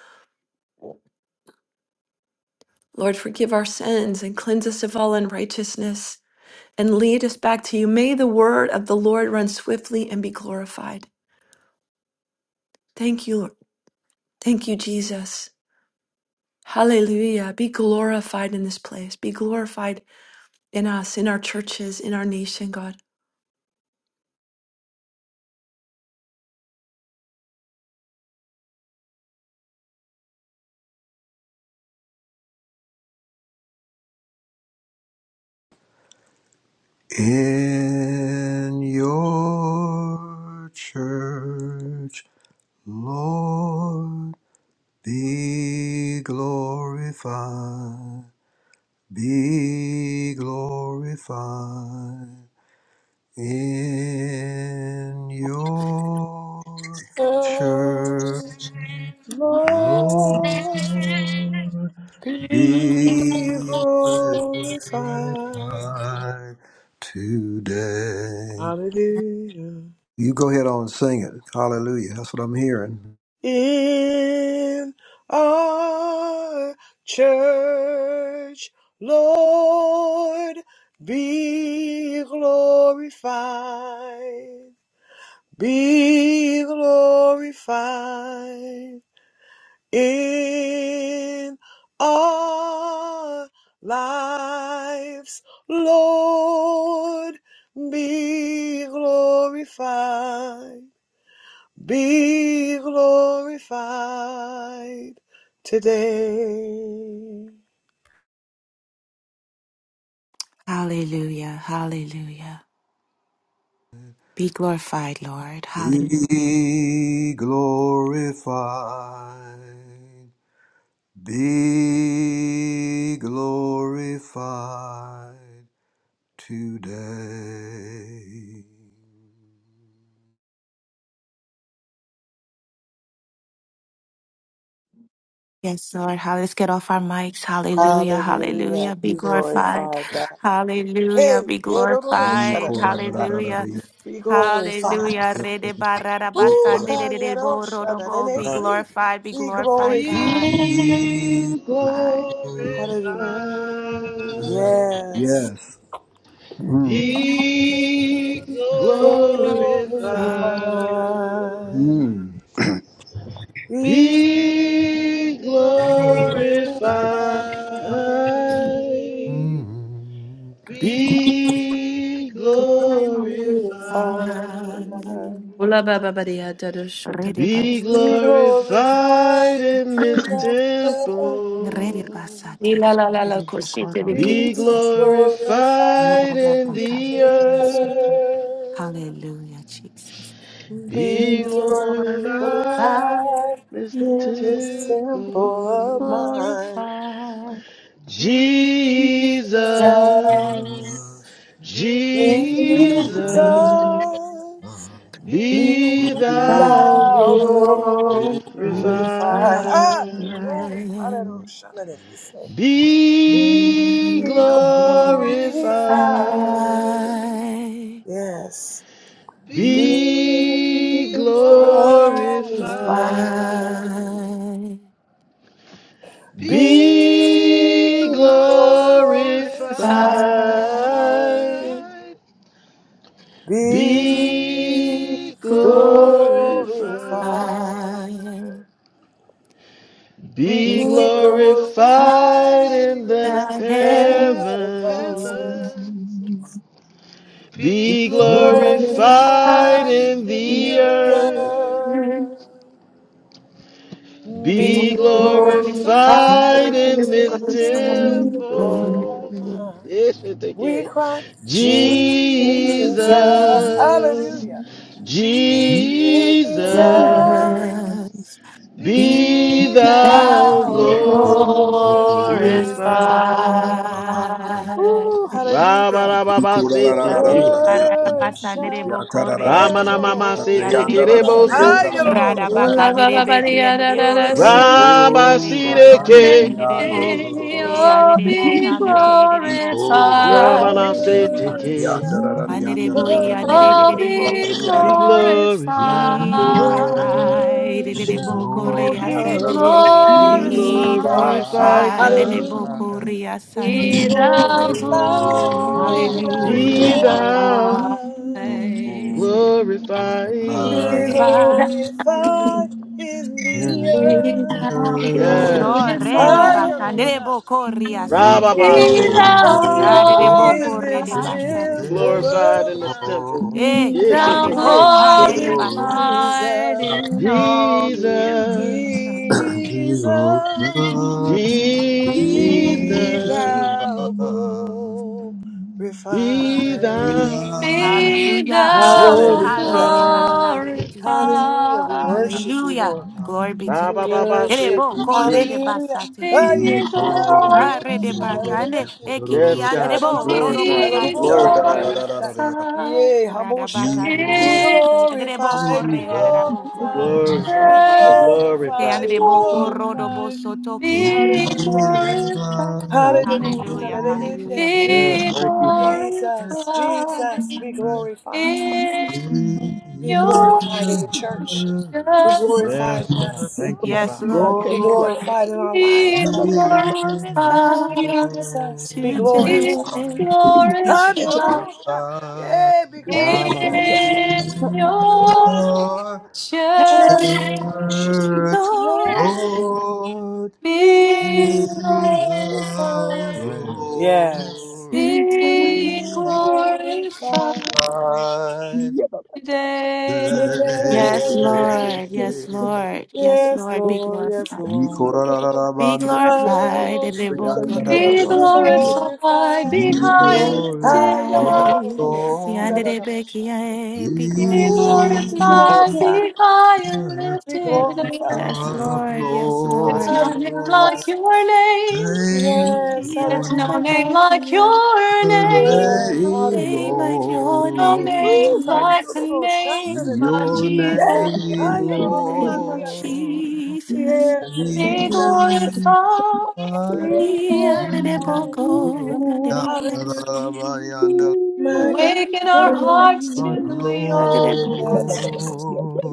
Speaker 5: Lord, forgive our sins and cleanse us of all unrighteousness and lead us back to you. May the word of the Lord run swiftly and be glorified. Thank you, Lord. Thank you, Jesus. Hallelujah. Be glorified in this place. Be glorified in us, in our churches, in our nation, God.
Speaker 6: In your church, Lord, be glorified, be glorified. In your church,
Speaker 2: Church,
Speaker 6: Lord,
Speaker 2: Lord,
Speaker 6: be
Speaker 2: Be glorified.
Speaker 6: glorified today.
Speaker 2: Hallelujah.
Speaker 6: You go ahead on and sing it. Hallelujah. That's what I'm hearing.
Speaker 2: In our church, Lord, be glorified. Be glorified. in our lives, Lord, be glorified, be glorified today.
Speaker 1: Hallelujah. Hallelujah. Be glorified, Lord. Hallelujah.
Speaker 6: Be glorified. Be glorified today.
Speaker 1: Yes, Lord. Hall- Let's get off our mics. Hallelujah.
Speaker 2: Hallelujah,
Speaker 1: Hallelujah. Be
Speaker 2: be
Speaker 1: glorified.
Speaker 2: glorified, God.
Speaker 1: Hallelujah.
Speaker 2: Hey,
Speaker 1: Be
Speaker 2: hey, no, no, no,
Speaker 6: Be
Speaker 2: shut up,
Speaker 1: glorified.
Speaker 2: shut up,
Speaker 1: Hallelujah.
Speaker 2: be glorified.
Speaker 1: Hallelujah. Rede barada
Speaker 2: Ooh,
Speaker 1: basande
Speaker 6: glorified.
Speaker 1: de
Speaker 2: ha,
Speaker 1: de de
Speaker 2: yeah, no,
Speaker 1: bo ro do
Speaker 2: shut up, and
Speaker 1: bo. Be
Speaker 3: Huh?
Speaker 2: see,
Speaker 1: glorified, be
Speaker 2: be
Speaker 1: glorified,
Speaker 2: glorified.
Speaker 1: God.
Speaker 3: Be
Speaker 1: Bye.
Speaker 3: glorified.
Speaker 2: Hallelujah. Yes.
Speaker 6: Yes. Mm.
Speaker 1: Be
Speaker 3: Be
Speaker 1: glorified.
Speaker 2: Glorify.
Speaker 3: glorified.
Speaker 6: Mm.
Speaker 2: Be
Speaker 3: Be
Speaker 2: glorified.
Speaker 3: glorified.
Speaker 1: Be
Speaker 3: Be
Speaker 1: glorified.
Speaker 3: glorified.
Speaker 2: Glorify.
Speaker 5: Ola ba ba ba dia da da sho da
Speaker 1: Rede
Speaker 3: Be
Speaker 5: da
Speaker 1: bas.
Speaker 5: da ga.
Speaker 2: Be glorified
Speaker 3: glorified in
Speaker 2: in
Speaker 3: this
Speaker 2: the heaven.
Speaker 1: Rede
Speaker 3: temple.
Speaker 5: Ni
Speaker 1: basate.
Speaker 5: la la la la
Speaker 1: Rede
Speaker 5: ko shi te
Speaker 1: bokoro
Speaker 5: de
Speaker 1: do
Speaker 5: ki di.
Speaker 2: Be
Speaker 3: Be
Speaker 1: basate.
Speaker 3: glorified
Speaker 2: glorified
Speaker 1: Rada
Speaker 3: in
Speaker 2: in
Speaker 1: baka.
Speaker 3: the
Speaker 2: the
Speaker 3: earth.
Speaker 2: earth.
Speaker 1: Hallelujah, Jesus. Be
Speaker 3: Be
Speaker 2: Be glorified
Speaker 3: glorified
Speaker 1: glorified.
Speaker 3: in this
Speaker 2: in
Speaker 1: And this
Speaker 2: this
Speaker 3: temple.
Speaker 1: is
Speaker 2: temple of mine.
Speaker 5: Glorify.
Speaker 2: Jesus,
Speaker 3: Jesus,
Speaker 1: suffering.
Speaker 2: Jesus,
Speaker 6: Mm. Yes.
Speaker 3: Jesus,
Speaker 6: Oh,
Speaker 1: If
Speaker 2: be
Speaker 3: Be thou
Speaker 2: thou
Speaker 3: glorified.
Speaker 2: glorified.
Speaker 5: Glorify.
Speaker 2: Ah, glory, hallelujah, hallelujah, it is said.
Speaker 3: Be glorified.
Speaker 2: Be glorified. Yes,
Speaker 3: Be
Speaker 2: be
Speaker 3: glorified.
Speaker 2: glorified.
Speaker 1: I
Speaker 3: be
Speaker 2: Be glorified.
Speaker 3: glorified. Be
Speaker 2: Be glorified.
Speaker 3: glorified.
Speaker 1: Glorify,
Speaker 3: Be
Speaker 2: Be
Speaker 1: glorify
Speaker 3: glorified
Speaker 2: glorified
Speaker 3: in
Speaker 2: in
Speaker 1: the
Speaker 3: the
Speaker 2: the
Speaker 1: heaven.
Speaker 2: heavens.
Speaker 3: heavens. Be
Speaker 2: Be
Speaker 1: Lord is
Speaker 3: glorified
Speaker 2: glorified
Speaker 3: in
Speaker 2: in
Speaker 3: the
Speaker 2: the
Speaker 3: earth.
Speaker 2: earth.
Speaker 1: Be
Speaker 2: Be
Speaker 3: Be
Speaker 1: glorified
Speaker 2: glorified
Speaker 3: glorified in
Speaker 2: in
Speaker 1: in
Speaker 3: this
Speaker 2: this temple
Speaker 1: people.
Speaker 2: of
Speaker 3: temple.
Speaker 2: mine.
Speaker 3: Yes, it
Speaker 2: We
Speaker 3: again.
Speaker 2: cry, Jesus,
Speaker 3: Jesus,
Speaker 2: hallelujah.
Speaker 3: Jesus,
Speaker 2: Jesus,
Speaker 1: Jesus, be
Speaker 2: be
Speaker 3: be thou
Speaker 1: thou
Speaker 2: thou
Speaker 7: Thank
Speaker 2: glorified.
Speaker 1: glorified.
Speaker 3: glorified.
Speaker 2: Ooh,
Speaker 5: Glorify.
Speaker 2: hallelujah.
Speaker 3: Rabarababa
Speaker 1: We
Speaker 3: seteke.
Speaker 1: glorify, we
Speaker 2: Worship the
Speaker 3: Ramanamama seteke
Speaker 2: Lord.
Speaker 3: reboso.
Speaker 2: Ay, Lord,
Speaker 5: Ula ba ba ba dia da da da so la la la la.
Speaker 2: Worship
Speaker 3: Rabasideke.
Speaker 2: The Lord,
Speaker 5: Oh, be glorified.
Speaker 3: Ramana seteke.
Speaker 2: worship the
Speaker 5: Oh, be
Speaker 2: Lord,
Speaker 3: Be glorified.
Speaker 5: glorified.
Speaker 2: worship
Speaker 7: you.
Speaker 5: Oh,
Speaker 2: the
Speaker 5: be
Speaker 3: Be
Speaker 2: Lord.
Speaker 5: glorified.
Speaker 3: glorified,
Speaker 1: glorify, the
Speaker 3: God.
Speaker 2: Hallelujah.
Speaker 1: Bokoria
Speaker 2: Be
Speaker 1: Sande
Speaker 5: Be thou
Speaker 1: Boko.
Speaker 2: glorified in the
Speaker 3: Be
Speaker 1: Hallelujah,
Speaker 3: thou
Speaker 1: hallelujah.
Speaker 5: glorified.
Speaker 2: heavens.
Speaker 5: Be
Speaker 2: Be
Speaker 6: Jesus.
Speaker 3: glorified.
Speaker 1: Glorify,
Speaker 5: thou
Speaker 1: hallelujah.
Speaker 2: glorified in the
Speaker 5: Be thou
Speaker 2: earth.
Speaker 1: Yes,
Speaker 3: Yes.
Speaker 1: Lord. Rede
Speaker 5: glorified.
Speaker 1: bakandere
Speaker 2: Ayarosha.
Speaker 1: bokoria
Speaker 2: Be
Speaker 1: sante.
Speaker 3: Rababa
Speaker 5: Be
Speaker 3: said,
Speaker 5: thou
Speaker 2: glorified
Speaker 1: Adede
Speaker 2: in
Speaker 1: bokore
Speaker 2: this
Speaker 1: de
Speaker 5: glorified.
Speaker 3: Be
Speaker 1: basate ki.
Speaker 2: temple
Speaker 3: glorified
Speaker 2: of
Speaker 3: in this
Speaker 2: mine.
Speaker 3: temple.
Speaker 1: Eh,
Speaker 5: Be
Speaker 1: ki
Speaker 3: Yes,
Speaker 2: we
Speaker 3: it
Speaker 5: thou
Speaker 1: andere
Speaker 3: take
Speaker 2: cry,
Speaker 1: bo,
Speaker 3: care,
Speaker 1: arede basandere bo.
Speaker 5: glorified
Speaker 2: Jesus,
Speaker 5: in all the
Speaker 3: Jesus.
Speaker 5: earth.
Speaker 2: Jesus, be
Speaker 3: Jesus.
Speaker 2: thou glorified.
Speaker 3: Be thou
Speaker 5: Be
Speaker 1: Hallelujah.
Speaker 5: thou
Speaker 2: Hallelujah.
Speaker 1: Harede basante
Speaker 3: glorified.
Speaker 1: ki endo.
Speaker 2: Hallelujah. We
Speaker 5: glorified.
Speaker 2: worship you,
Speaker 1: Hallelujah.
Speaker 2: Lord.
Speaker 1: Glory be to
Speaker 3: Ba ba
Speaker 2: We
Speaker 3: ba
Speaker 1: God.
Speaker 3: ba
Speaker 1: Dede
Speaker 3: say,
Speaker 2: worship you.
Speaker 3: say,
Speaker 1: bokore
Speaker 3: say.
Speaker 1: de
Speaker 2: Hallelujah.
Speaker 1: basate ki.
Speaker 2: Aye,
Speaker 5: Be
Speaker 2: aye, ororo,
Speaker 1: Arede
Speaker 5: glorified.
Speaker 1: bakande,
Speaker 2: shararereki,
Speaker 1: eh, ki ki
Speaker 3: Yes,
Speaker 1: andere
Speaker 3: God, be
Speaker 1: bo,
Speaker 2: sharararamasu,
Speaker 1: roro bo
Speaker 3: glorified, be
Speaker 5: be
Speaker 1: ki
Speaker 2: shararoroko,
Speaker 1: andere
Speaker 5: glorified
Speaker 3: glorified,
Speaker 2: yananda.
Speaker 1: bo.
Speaker 2: Yea, Hamosha.
Speaker 1: Radabaka
Speaker 2: Be
Speaker 1: Debo
Speaker 5: in
Speaker 1: City, Adrebo
Speaker 5: your
Speaker 2: glorified, be
Speaker 1: Corre, Darabo,
Speaker 3: be
Speaker 2: glorified,
Speaker 1: Corrobo
Speaker 2: be
Speaker 1: City,
Speaker 3: glorified, be
Speaker 1: the
Speaker 5: church,
Speaker 2: glorified,
Speaker 3: glorified.
Speaker 2: be
Speaker 1: Andrebo
Speaker 5: Lord.
Speaker 1: Corrobo
Speaker 2: glorified.
Speaker 1: Sotoki.
Speaker 6: Lord,
Speaker 5: Be
Speaker 2: Hallelujah.
Speaker 5: glorified,
Speaker 2: Hallelujah.
Speaker 1: Hallelujah,
Speaker 2: Shararerende.
Speaker 1: hallelujah, blessed.
Speaker 3: Yes,
Speaker 5: be
Speaker 3: thank you, Father.
Speaker 5: glorified
Speaker 2: Jesus, Jesus, be glorified.
Speaker 5: in
Speaker 2: Be glorified in the
Speaker 5: your
Speaker 2: church. Be
Speaker 5: church,
Speaker 2: glorified
Speaker 3: Yes,
Speaker 2: in
Speaker 3: God,
Speaker 2: us.
Speaker 3: thank you,
Speaker 1: Yes,
Speaker 3: Father.
Speaker 1: Lord.
Speaker 5: Lord.
Speaker 2: Be glorified in our lives.
Speaker 5: Be
Speaker 2: God.
Speaker 1: Be glorified
Speaker 5: glorified
Speaker 2: Jesus, be glorified.
Speaker 5: be
Speaker 1: today.
Speaker 2: God,
Speaker 5: glorified
Speaker 2: Yeah, be
Speaker 3: Ra
Speaker 2: glorified.
Speaker 3: ba ba ba ba.
Speaker 1: in
Speaker 5: in
Speaker 3: say.
Speaker 5: your
Speaker 2: Ooh,
Speaker 1: your
Speaker 6: we
Speaker 5: church.
Speaker 1: hands,
Speaker 2: Church,
Speaker 1: Lord.
Speaker 2: Lord, be
Speaker 5: Be
Speaker 1: be
Speaker 5: glorified,
Speaker 2: glorified.
Speaker 1: glorified
Speaker 3: Yes.
Speaker 2: Yes.
Speaker 1: Today.
Speaker 5: be
Speaker 2: Be
Speaker 5: glorified
Speaker 2: glorified
Speaker 5: today.
Speaker 1: Yes,
Speaker 2: today.
Speaker 1: Lord. Yes,
Speaker 7: Yeah,
Speaker 1: Lord. Yes,
Speaker 2: Yes,
Speaker 1: Lord. Be
Speaker 2: Lord, yes,
Speaker 1: glorified.
Speaker 2: Lord.
Speaker 1: Be
Speaker 6: are
Speaker 1: glorified,
Speaker 2: Hallelujah,
Speaker 1: and they
Speaker 6: He's
Speaker 1: will go
Speaker 2: be
Speaker 1: to the
Speaker 5: Be
Speaker 1: boss. Be
Speaker 5: glorified, be
Speaker 2: glorified.
Speaker 5: high and
Speaker 6: yours,
Speaker 5: lifted
Speaker 6: yes,
Speaker 1: glorified,
Speaker 5: up.
Speaker 2: Hallelujah,
Speaker 1: the end of
Speaker 6: Lord.
Speaker 1: the day, be
Speaker 6: He
Speaker 5: Be
Speaker 2: Ooh, be
Speaker 1: glorified.
Speaker 6: is
Speaker 5: glorified, be
Speaker 2: glorified.
Speaker 5: high and
Speaker 2: be
Speaker 5: lifted
Speaker 2: glorified.
Speaker 5: up.
Speaker 1: Yes,
Speaker 6: God,
Speaker 1: Lord, yes,
Speaker 5: There's
Speaker 1: Lord.
Speaker 5: no name
Speaker 2: Hallelujah.
Speaker 6: Lord.
Speaker 5: like your name.
Speaker 6: Praise
Speaker 2: Yes,
Speaker 1: The
Speaker 6: your
Speaker 1: end
Speaker 5: There's
Speaker 1: of
Speaker 2: hallelujah.
Speaker 5: no
Speaker 1: the
Speaker 5: name
Speaker 1: book, the
Speaker 5: like
Speaker 1: end.
Speaker 5: your name.
Speaker 2: Yes,
Speaker 1: No
Speaker 6: name,
Speaker 1: name
Speaker 2: hallelujah.
Speaker 1: like your
Speaker 5: No
Speaker 6: Lord.
Speaker 5: name
Speaker 2: Woo,
Speaker 1: name,
Speaker 5: like the
Speaker 2: hallelujah.
Speaker 5: name
Speaker 1: In
Speaker 2: Shandere.
Speaker 5: of
Speaker 6: Your
Speaker 5: Jesus.
Speaker 2: Hey,
Speaker 6: name,
Speaker 1: the name of
Speaker 2: hallelujah.
Speaker 6: Lord.
Speaker 1: Jesus.
Speaker 2: Yes,
Speaker 6: He
Speaker 5: Be
Speaker 2: Jesus.
Speaker 6: is
Speaker 5: glorified.
Speaker 2: Be
Speaker 1: The end of the book,
Speaker 2: glorified.
Speaker 1: the end of the
Speaker 2: Hallelujah.
Speaker 6: my
Speaker 1: day.
Speaker 6: joy.
Speaker 2: My God.
Speaker 5: Awaken our
Speaker 2: Hallelujah.
Speaker 5: hearts to
Speaker 6: heart,
Speaker 1: Hallelujah.
Speaker 5: your kingdom.
Speaker 2: Yes, Jesus.
Speaker 6: Lord.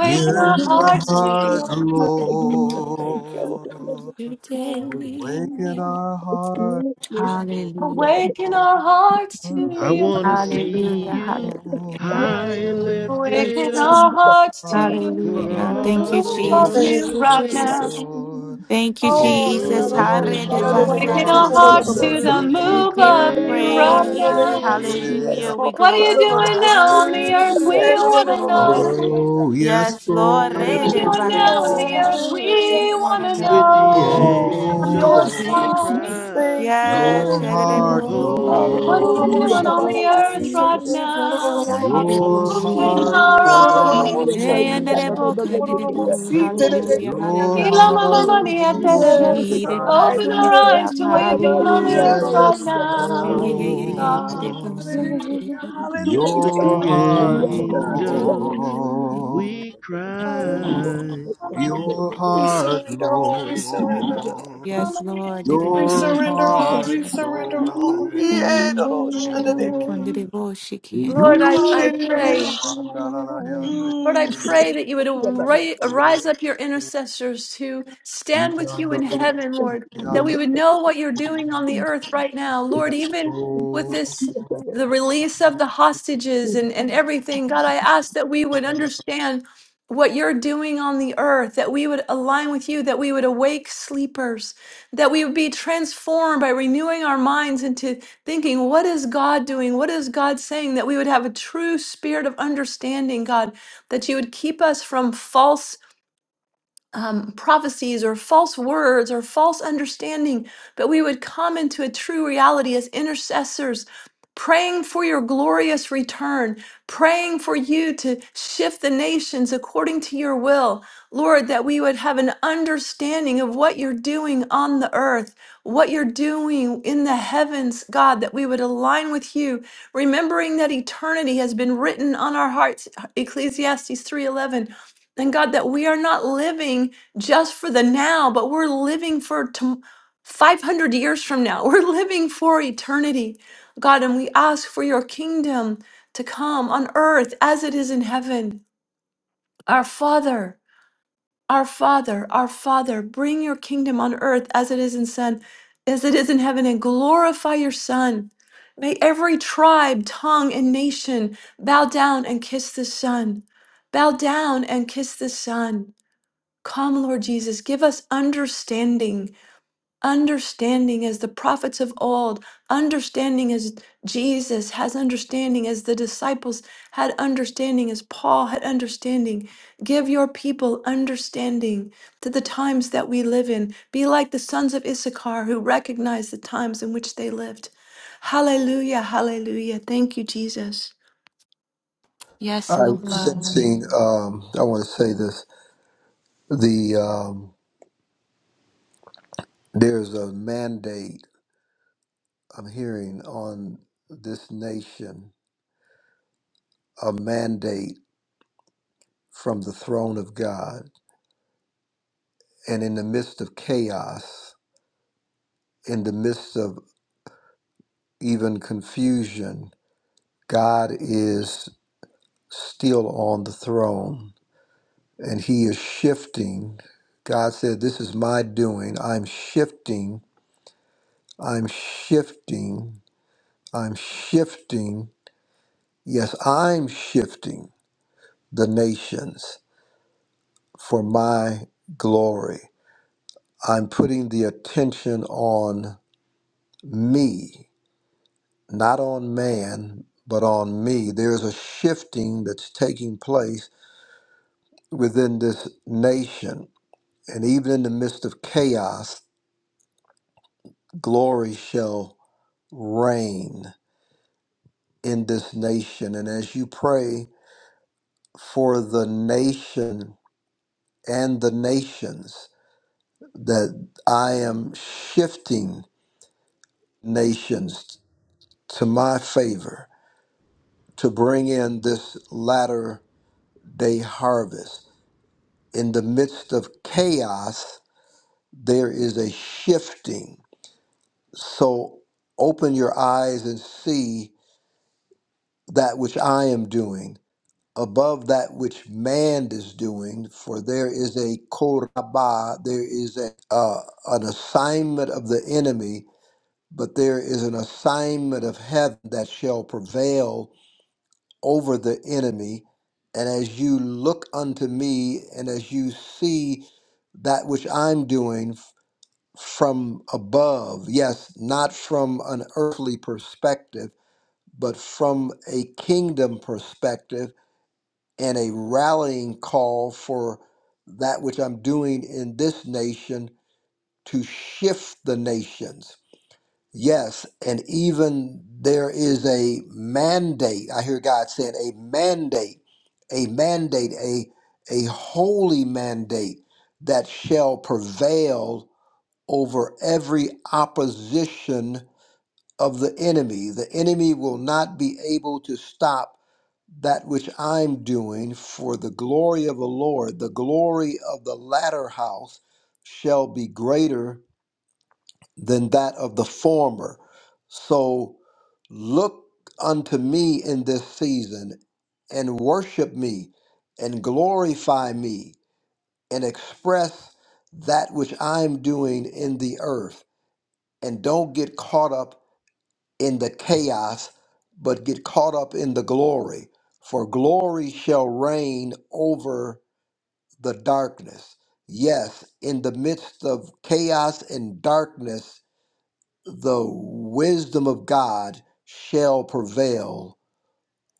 Speaker 1: It's
Speaker 6: Here
Speaker 5: our
Speaker 6: is
Speaker 1: yours
Speaker 6: the
Speaker 5: hearts to your
Speaker 6: heart,
Speaker 2: Mm,
Speaker 5: purpose.
Speaker 2: Thank you, Lord.
Speaker 6: Lord.
Speaker 1: today.
Speaker 2: Mm,
Speaker 6: Awaken our heart, Lord.
Speaker 1: Hallelujah.
Speaker 5: Awaken
Speaker 6: Lord.
Speaker 5: our hearts to
Speaker 6: Heart, Lord.
Speaker 3: I
Speaker 5: your
Speaker 7: Thank
Speaker 3: wanna
Speaker 5: kingdom.
Speaker 3: see
Speaker 1: Hallelujah.
Speaker 3: you
Speaker 1: Hallelujah.
Speaker 3: high and
Speaker 2: Thank you.
Speaker 3: lifted
Speaker 5: Awaken
Speaker 3: up
Speaker 5: our hearts to
Speaker 3: for
Speaker 1: Hallelujah.
Speaker 5: the
Speaker 1: Thank
Speaker 3: all
Speaker 1: you,
Speaker 5: move
Speaker 3: the
Speaker 5: of
Speaker 3: world
Speaker 1: Jesus.
Speaker 2: Thank
Speaker 5: you
Speaker 3: to
Speaker 2: you,
Speaker 5: right
Speaker 3: see.
Speaker 2: Jesus.
Speaker 1: Jesus.
Speaker 5: now.
Speaker 1: Thank you, Jesus.
Speaker 3: Consume us
Speaker 6: Awaken
Speaker 3: with
Speaker 6: our
Speaker 3: your
Speaker 5: Awaken our
Speaker 6: heart,
Speaker 3: presence.
Speaker 5: hearts
Speaker 1: Haredebasatesiende.
Speaker 2: Oh,
Speaker 3: Let
Speaker 6: Lord.
Speaker 5: to
Speaker 3: us
Speaker 5: the
Speaker 3: we
Speaker 1: We
Speaker 5: move
Speaker 1: give you
Speaker 5: of
Speaker 3: declare
Speaker 5: you
Speaker 3: your
Speaker 2: Lord,
Speaker 5: right
Speaker 2: I
Speaker 7: you.
Speaker 2: don't know
Speaker 1: praise.
Speaker 5: now.
Speaker 2: your
Speaker 7: I
Speaker 2: seed,
Speaker 3: majesty.
Speaker 6: Yeah.
Speaker 2: yes,
Speaker 1: Hallelujah. We
Speaker 2: Lord.
Speaker 5: What are
Speaker 2: I
Speaker 5: you
Speaker 2: don't know
Speaker 5: doing
Speaker 2: your
Speaker 1: glorify.
Speaker 5: now on
Speaker 2: seed.
Speaker 5: the earth? We
Speaker 2: Yeah, I
Speaker 3: Manifest
Speaker 2: don't
Speaker 1: Yes,
Speaker 5: want
Speaker 3: your
Speaker 5: to
Speaker 2: know your
Speaker 5: know.
Speaker 1: Lord.
Speaker 3: glory.
Speaker 2: seed.
Speaker 6: Bro, yes,
Speaker 1: Yes,
Speaker 3: Let
Speaker 1: Lord.
Speaker 5: What are you
Speaker 6: Lord.
Speaker 3: heaven
Speaker 1: Rede
Speaker 3: and
Speaker 5: doing
Speaker 3: earth
Speaker 5: now on
Speaker 1: bakandere
Speaker 5: the
Speaker 1: bo.
Speaker 5: earth?
Speaker 2: Oh,
Speaker 3: adore
Speaker 2: hallelujah.
Speaker 1: We
Speaker 5: We
Speaker 3: thee.
Speaker 1: want
Speaker 5: want
Speaker 1: to
Speaker 5: to
Speaker 3: With
Speaker 1: know,
Speaker 3: the
Speaker 5: know. Be
Speaker 2: Oh,
Speaker 5: on
Speaker 1: Jesus.
Speaker 5: your
Speaker 1: Yes,
Speaker 3: angels
Speaker 2: yes,
Speaker 6: Oh,
Speaker 3: we
Speaker 1: Lord.
Speaker 2: Jesus.
Speaker 5: side.
Speaker 3: cry.
Speaker 2: Thank you, Lord.
Speaker 1: Yes,
Speaker 6: Your
Speaker 1: yandere
Speaker 3: Cry.
Speaker 6: heart,
Speaker 1: bo,
Speaker 2: I don't
Speaker 1: yandere
Speaker 5: What
Speaker 6: Lord.
Speaker 1: bo.
Speaker 5: are
Speaker 2: know
Speaker 5: you
Speaker 2: your
Speaker 5: doing
Speaker 3: Holy,
Speaker 2: seed. I don't
Speaker 5: on
Speaker 2: know
Speaker 5: the
Speaker 2: your
Speaker 5: earth
Speaker 2: seed. I
Speaker 3: holy,
Speaker 5: right
Speaker 1: Yandere bo,
Speaker 2: don't
Speaker 1: ko
Speaker 5: now?
Speaker 2: know your
Speaker 5: God,
Speaker 2: seed.
Speaker 1: yandere bo
Speaker 6: Your
Speaker 1: si.
Speaker 5: open
Speaker 6: heart,
Speaker 5: our
Speaker 2: I don't
Speaker 3: holy,
Speaker 2: know
Speaker 5: eyes.
Speaker 2: your seed.
Speaker 1: Eh,
Speaker 3: holy,
Speaker 1: yandere bo,
Speaker 6: Lord.
Speaker 2: I don't
Speaker 1: kandere
Speaker 2: know your
Speaker 1: bo.
Speaker 2: seed. I
Speaker 3: holy,
Speaker 1: Hallelujah,
Speaker 2: don't know
Speaker 6: Your
Speaker 2: your seed.
Speaker 5: Ila
Speaker 1: hallelujah.
Speaker 5: mama
Speaker 6: heart,
Speaker 5: mani
Speaker 1: We
Speaker 5: aterere.
Speaker 6: Lord.
Speaker 2: Yes,
Speaker 1: seated
Speaker 2: Lord.
Speaker 6: And
Speaker 1: high
Speaker 5: Open
Speaker 1: and
Speaker 2: Yeah,
Speaker 5: our
Speaker 1: lifted
Speaker 5: eyes
Speaker 1: up.
Speaker 5: to what you're doing on the
Speaker 1: Hallelujah.
Speaker 2: I don't know
Speaker 5: earth
Speaker 3: holy, holy,
Speaker 2: your
Speaker 5: right
Speaker 6: yes,
Speaker 2: seed.
Speaker 1: Yeah, yeah,
Speaker 5: now,
Speaker 1: yeah, yeah,
Speaker 6: Lord.
Speaker 3: holy.
Speaker 1: yandere bo,
Speaker 2: Hallelujah.
Speaker 1: sante.
Speaker 2: Hallelujah.
Speaker 3: With
Speaker 6: Your
Speaker 3: the
Speaker 1: Do what
Speaker 5: God.
Speaker 6: heart,
Speaker 1: you want
Speaker 2: Hallelujah.
Speaker 3: angels
Speaker 1: to
Speaker 6: Lord.
Speaker 3: we
Speaker 6: Your,
Speaker 2: Hallelujah.
Speaker 3: cry,
Speaker 6: your
Speaker 2: We
Speaker 1: do.
Speaker 6: heart,
Speaker 2: surrender all. We surrender. all.
Speaker 6: Lord.
Speaker 1: Yes, Lord. Did it
Speaker 2: We
Speaker 1: take
Speaker 6: Your
Speaker 2: surrender
Speaker 1: my
Speaker 7: don't know.
Speaker 2: all.
Speaker 6: heart,
Speaker 2: We
Speaker 1: consent?
Speaker 2: surrender
Speaker 7: Thank
Speaker 2: all. Yeah,
Speaker 1: Sing
Speaker 2: Lord, Shandadeki.
Speaker 1: from the
Speaker 7: you.
Speaker 1: devotion.
Speaker 5: Lord, I, I pray.
Speaker 2: Hallelujah.
Speaker 6: Lord.
Speaker 5: Lord, I
Speaker 2: Mm.
Speaker 5: pray that you would arra- arise up your intercessors to stand with
Speaker 6: Yes,
Speaker 5: you in heaven, Lord, that we would know what you're doing on the earth right now. Lord, even with
Speaker 6: Lord.
Speaker 5: this, the release of the hostages and, and everything, God, I ask that we would understand what you're doing on the earth, that we would align with you, that we would awake sleepers, that we would be transformed by renewing our minds into thinking, what is God doing? What is God saying? That we would have a true spirit of understanding, God that you would keep us from false um, prophecies or false words or false understanding, but we would come into a true reality as intercessors, praying for your glorious return, praying for you to shift the nations according to your will. Lord, that we would have an understanding of what you're doing on the earth, what you're doing in the heavens, God, that we would align with you, remembering that eternity has been written on our hearts, Ecclesiastes 3:11 and God, that we are not living just for the now, but we're living for tom 500 years from now. We're living for eternity. God, and we ask for your kingdom to come on earth as it is in heaven. Our Father, our Father, our Father, bring your kingdom on earth as it is in Son, as it is in heaven, and glorify your Son. May every tribe, tongue, and nation bow down and kiss the Son. Bow down and kiss the Son. Come, Lord Jesus, give us understanding, understanding as the prophets of old, understanding as Jesus has understanding, as the disciples had understanding, as Paul had understanding. Give your people understanding to the times that we live in. Be like the sons of Issachar who recognized the times in which they lived. Hallelujah, hallelujah. Thank you, Jesus.
Speaker 1: Yes,
Speaker 6: I was
Speaker 1: Lord.
Speaker 6: sensing. Um, I want to say this. The um, there's a mandate I'm hearing on this nation, a mandate from the throne of God, and in the midst of chaos, in the midst of even confusion, God is still on the throne, and He is shifting. God said, "This is my doing. I'm shifting." I'm shifting. I'm shifting. Yes, I'm shifting the nations for my glory. I'm putting the attention on me, not on man, but on me. There's a shifting that's taking place within this nation. And even in the midst of chaos, glory shall reign in this nation. And as you pray for the nation, and the nations that I am shifting nations to my favor to bring in this latter day harvest. In the midst of chaos, there is a shifting. So open your eyes and see that which I am doing above that which man is doing, for there is a korabah, there is a, uh, an assignment of the enemy but there is an assignment of heaven that shall prevail over the enemy. And as you look unto me and as you see that which I'm doing f- from above, yes, not from an earthly perspective, but from a kingdom perspective and a rallying call for that which I'm doing in this nation to shift the nations Yes, and even there is a mandate. I hear God saying a mandate, a mandate, a a holy mandate that shall prevail over every opposition of the enemy. The enemy will not be able to stop that which I'm doing for the glory of the Lord. The glory of the latter house shall be greater than that of the former. So look unto me in this season and worship me and glorify me and express that which I'm doing in the earth. And don't get caught up in the chaos, but get caught up in the glory. For glory shall reign over the darkness. Yes, in the midst of chaos and darkness, the wisdom of God shall prevail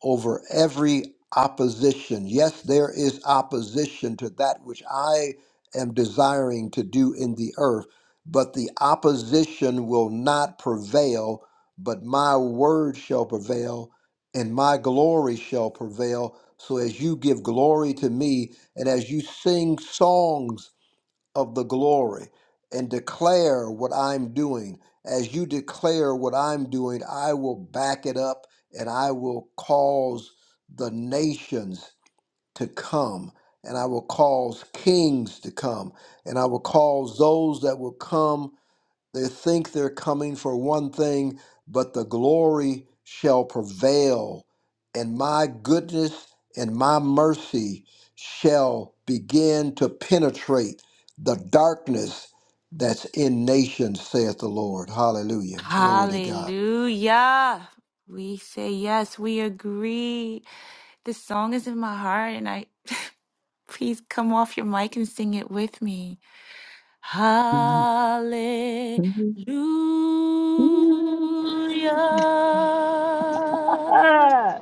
Speaker 6: over every opposition. Yes, there is opposition to that which I am desiring to do in the earth, but the opposition will not prevail, but my word shall prevail and my glory shall prevail. So as you give glory to me and as you sing songs of the glory and declare what I'm doing. As you declare what I'm doing, I will back it up and I will cause the nations to come and I will cause kings to come and I will cause those that will come they think they're coming for one thing, but the glory shall prevail, and my goodness and my mercy shall begin to penetrate the darkness that's in nations, saith the Lord. Hallelujah. Glory to God.
Speaker 1: Hallelujah. We say yes, we agree. This song is in my heart, and I please come off your mic and sing it with me. Hallelujah.
Speaker 7: Ah!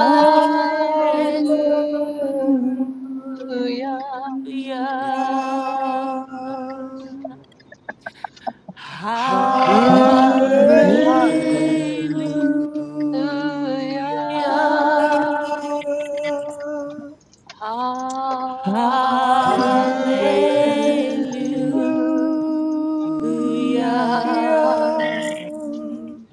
Speaker 2: Hallelujah.
Speaker 1: Hallelujah.
Speaker 3: Hallelujah.
Speaker 2: Hallelujah.
Speaker 1: Hallelujah.
Speaker 5: Hallelujah, hallelujah.
Speaker 3: Hallelujah,
Speaker 1: Hallelujah.
Speaker 6: Hallelujah.
Speaker 7: hallelujah.
Speaker 3: Hallelujah,
Speaker 2: Hallelujah.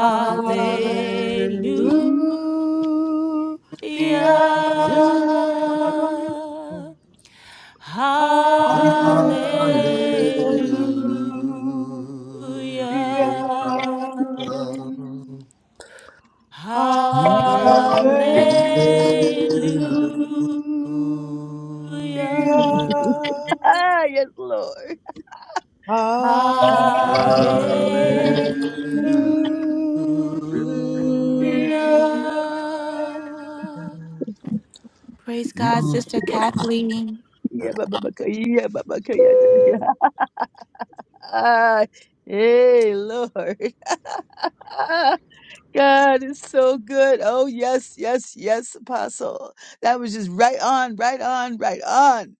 Speaker 2: Hallelujah.
Speaker 3: Hallelujah,
Speaker 2: Hallelujah.
Speaker 1: Hallelujah.
Speaker 2: Hallelujah.
Speaker 3: Hallelujah.
Speaker 2: Hallelujah.
Speaker 1: Hallelujah.
Speaker 7: Ah, yes, Lord.
Speaker 1: Hallelujah. Praise God, Sister Kathleen.
Speaker 7: Yeah, Baba Baka, yeah, Baba Kaya, yeah. da- da- yeah. Ah, Hey, Lord. God is so good. Oh, yes, yes, yes, Apostle. That was just right on, right on, right on.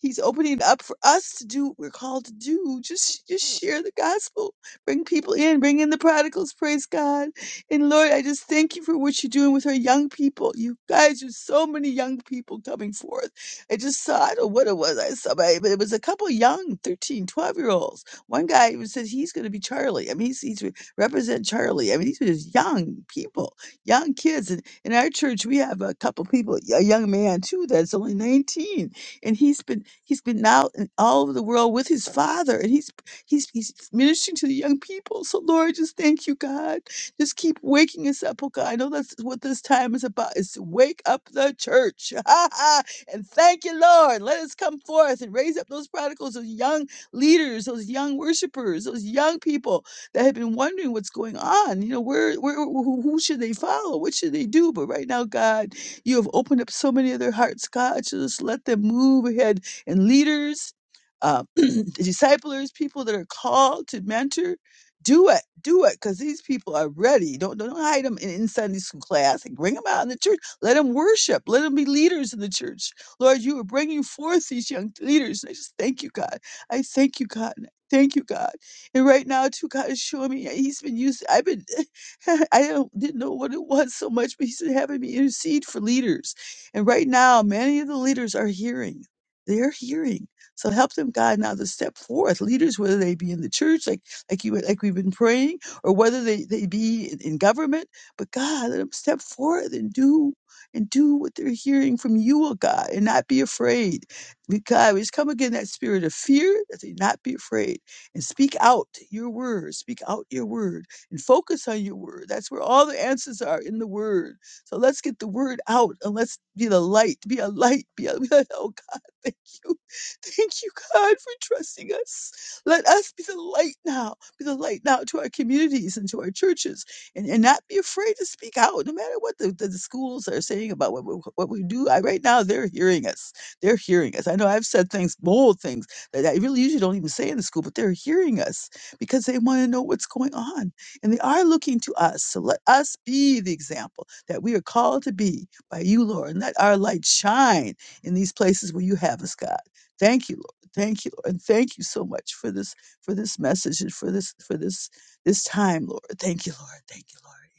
Speaker 7: He's opening up for us to do what we're called to do. Just, just share the gospel. Bring people in. Bring in the prodigals. Praise God. And Lord, I just thank you for what you're doing with our young people. You guys, there's so many young people coming forth. I just saw, I don't know what it was. I saw, but it was a couple young 13, 12 year olds. One guy even said he's going to be Charlie. I mean, he's, he's retired represent Charlie. I mean, these are just young people, young kids. And in our church, we have a couple people, a young man too, that's only 19. And he's been, he's been out in all over the world with his father and he's, he's, he's ministering to the young people. So Lord, just thank you, God. Just keep waking us up, oh God. I know that's what this time is about, is to wake up the church. Ha ha! and thank you, Lord. Let us come forth and raise up those prodigals, those young leaders, those young worshipers, those young people that have been wondering what's going on. You know, where, where, who, who should they follow? What should they do? But right now, God, you have opened up so many of their hearts, God. So just let them move ahead and leaders, uh, disciplers, people that are called to mentor. Do it, do it, because these people are ready. Don't don't hide them in, in Sunday school class. Like, bring them out in the church. Let them worship. Let them be leaders in the church. Lord, you are bringing forth these young leaders. And I just thank you, God. I thank you, God. and I Thank you, God. And right now, too, God is showing me yeah, He's been using. I've been, I don't, didn't know what it was so much, but He's been having me intercede for leaders. And right now, many of the leaders are hearing. They're hearing. So help them, God, now to step forth. Leaders, whether they be in the church, like like you like we've been praying, or whether they, they be in, in government. But God, let them step forth and do and do what they're hearing from you, oh God, and not be afraid. We- God, we just come again that spirit of fear that they not be afraid and speak out your word. Speak out your word and focus on your word. That's where all the answers are in the word. So let's get the word out and let's be the light. Be a light. Be a, oh God, thank you. Thank you, God, for trusting us. Let us be the light now. Be the light now to our communities and to our churches and, and not be afraid to speak out no matter what the, the, the schools are saying about what, we- what we do. I, right now, they're hearing us. They're hearing us. I know I've said things, bold things that I really usually don't even say in the school, but they're hearing us because they want to know what's going on. And they are looking to us. So let us be the example that we are called to be by you, Lord. And let our light shine in these places where you have us, God. Thank you, Lord. Thank you, Lord. And thank you so much for this, for this message and for this, for this, this time, Lord. Thank you, Lord. Thank you,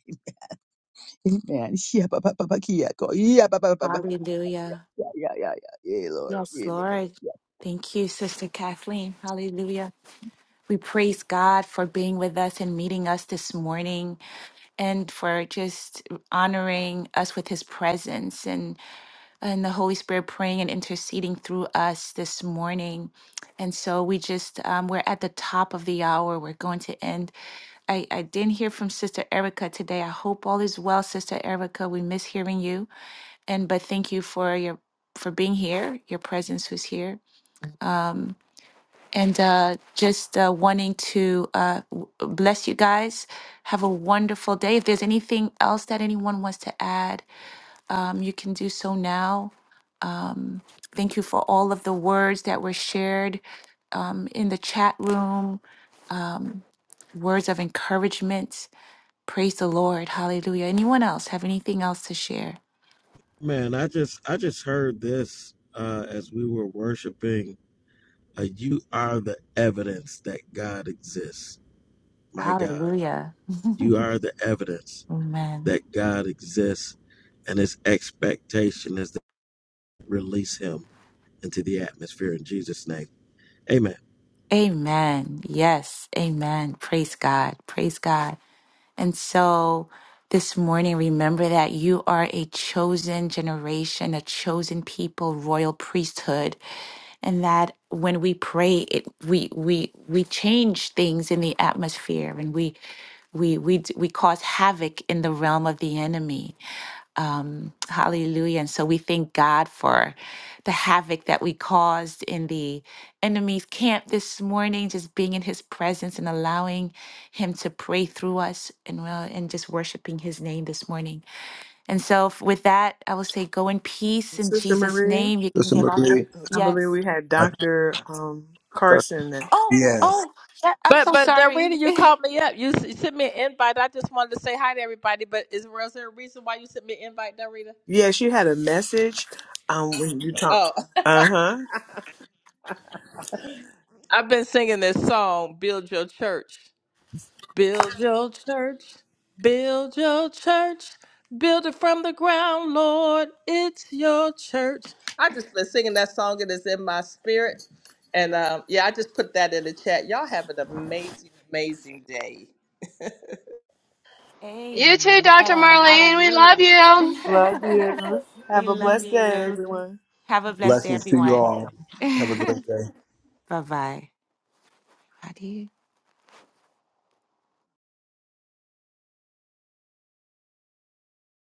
Speaker 7: Lord. Amen. Yeah, ba, ba, ba, ba, kia, go. Yeah, ba, ba, ba, ba.
Speaker 1: Hallelujah.
Speaker 7: yeah, yeah, yeah, yeah, yeah, Lord.
Speaker 1: Yes,
Speaker 7: Yeah, Lord.
Speaker 1: Lord. Thank you, Sister Kathleen. Hallelujah. We praise God for being with us and meeting us this morning and for just honoring us with his presence and, and the Holy Spirit praying and interceding through us this morning. And so we just, um, we're at the top of the hour. We're going to end. I, I didn't hear from Sister Erica today. I hope all is well, Sister Erica. We miss hearing you. And, but thank you for your for being here, your presence was here. and uh, just uh, wanting to uh, w- bless you guys. Have a wonderful day. If there's anything else that anyone wants to add, um, you can do so now. Um, thank you for all of the words that were shared um, in the chat room, um, words of encouragement. Praise the Lord. Hallelujah. Anyone else have anything else to share?
Speaker 3: Man, I just I just heard this uh, as we were worshiping. Uh, you are the evidence that God exists. My God,
Speaker 1: Hallelujah.
Speaker 3: you are the evidence
Speaker 1: Amen.
Speaker 3: that God exists, and His expectation is to release Him into the atmosphere in Jesus' name. Amen.
Speaker 1: Amen. Yes. Amen. Praise God. Praise God. And so this morning, remember that you are a chosen generation, a chosen people, royal priesthood, and that when we pray, it we we we change things in the atmosphere, and we we we d- we cause havoc in the realm of the enemy. Um, hallelujah. And so we thank God for the havoc that we caused in the enemy's camp this morning, just being in his presence and allowing him to pray through us and well and just worshiping his name this morning. And so f- with that, I will say go in peace in
Speaker 2: Sister
Speaker 1: Jesus'
Speaker 2: Marie,
Speaker 1: name. You can
Speaker 6: Sister
Speaker 1: get off.
Speaker 2: I,
Speaker 1: here.
Speaker 6: Marie,
Speaker 2: I believe
Speaker 1: Yes.
Speaker 2: we had
Speaker 6: I-
Speaker 2: Dr. Um, Carson. And,
Speaker 1: Oh,
Speaker 6: yes,
Speaker 1: oh, that, I'm
Speaker 8: But
Speaker 1: so
Speaker 8: but
Speaker 1: sorry.
Speaker 8: Darita, you called me up. You s- sent me an invite. I just wanted to say hi to everybody. But is, was there a reason why you sent me an invite, Darita?
Speaker 2: yeah, she had a message um, when you talked.
Speaker 8: Oh,
Speaker 2: Uh huh.
Speaker 8: I've been singing this song, "Build Your Church." Build your church. Build your church. Build it from the ground, Lord. It's your church. I just been singing that song. It is in my spirit. And um, yeah, I just put that in the chat. Y'all have an amazing, amazing day.
Speaker 5: You too,
Speaker 1: Amen.
Speaker 5: Dr. Marlene. We love
Speaker 1: Hallelujah.
Speaker 5: you.
Speaker 2: Love you.
Speaker 1: we
Speaker 2: Have a
Speaker 1: love
Speaker 2: blessed day,
Speaker 1: you.
Speaker 2: everyone.
Speaker 1: Have a blessed day,
Speaker 6: blessings to you
Speaker 1: everyone.
Speaker 6: all. Have a great day.
Speaker 1: bye bye. How do you?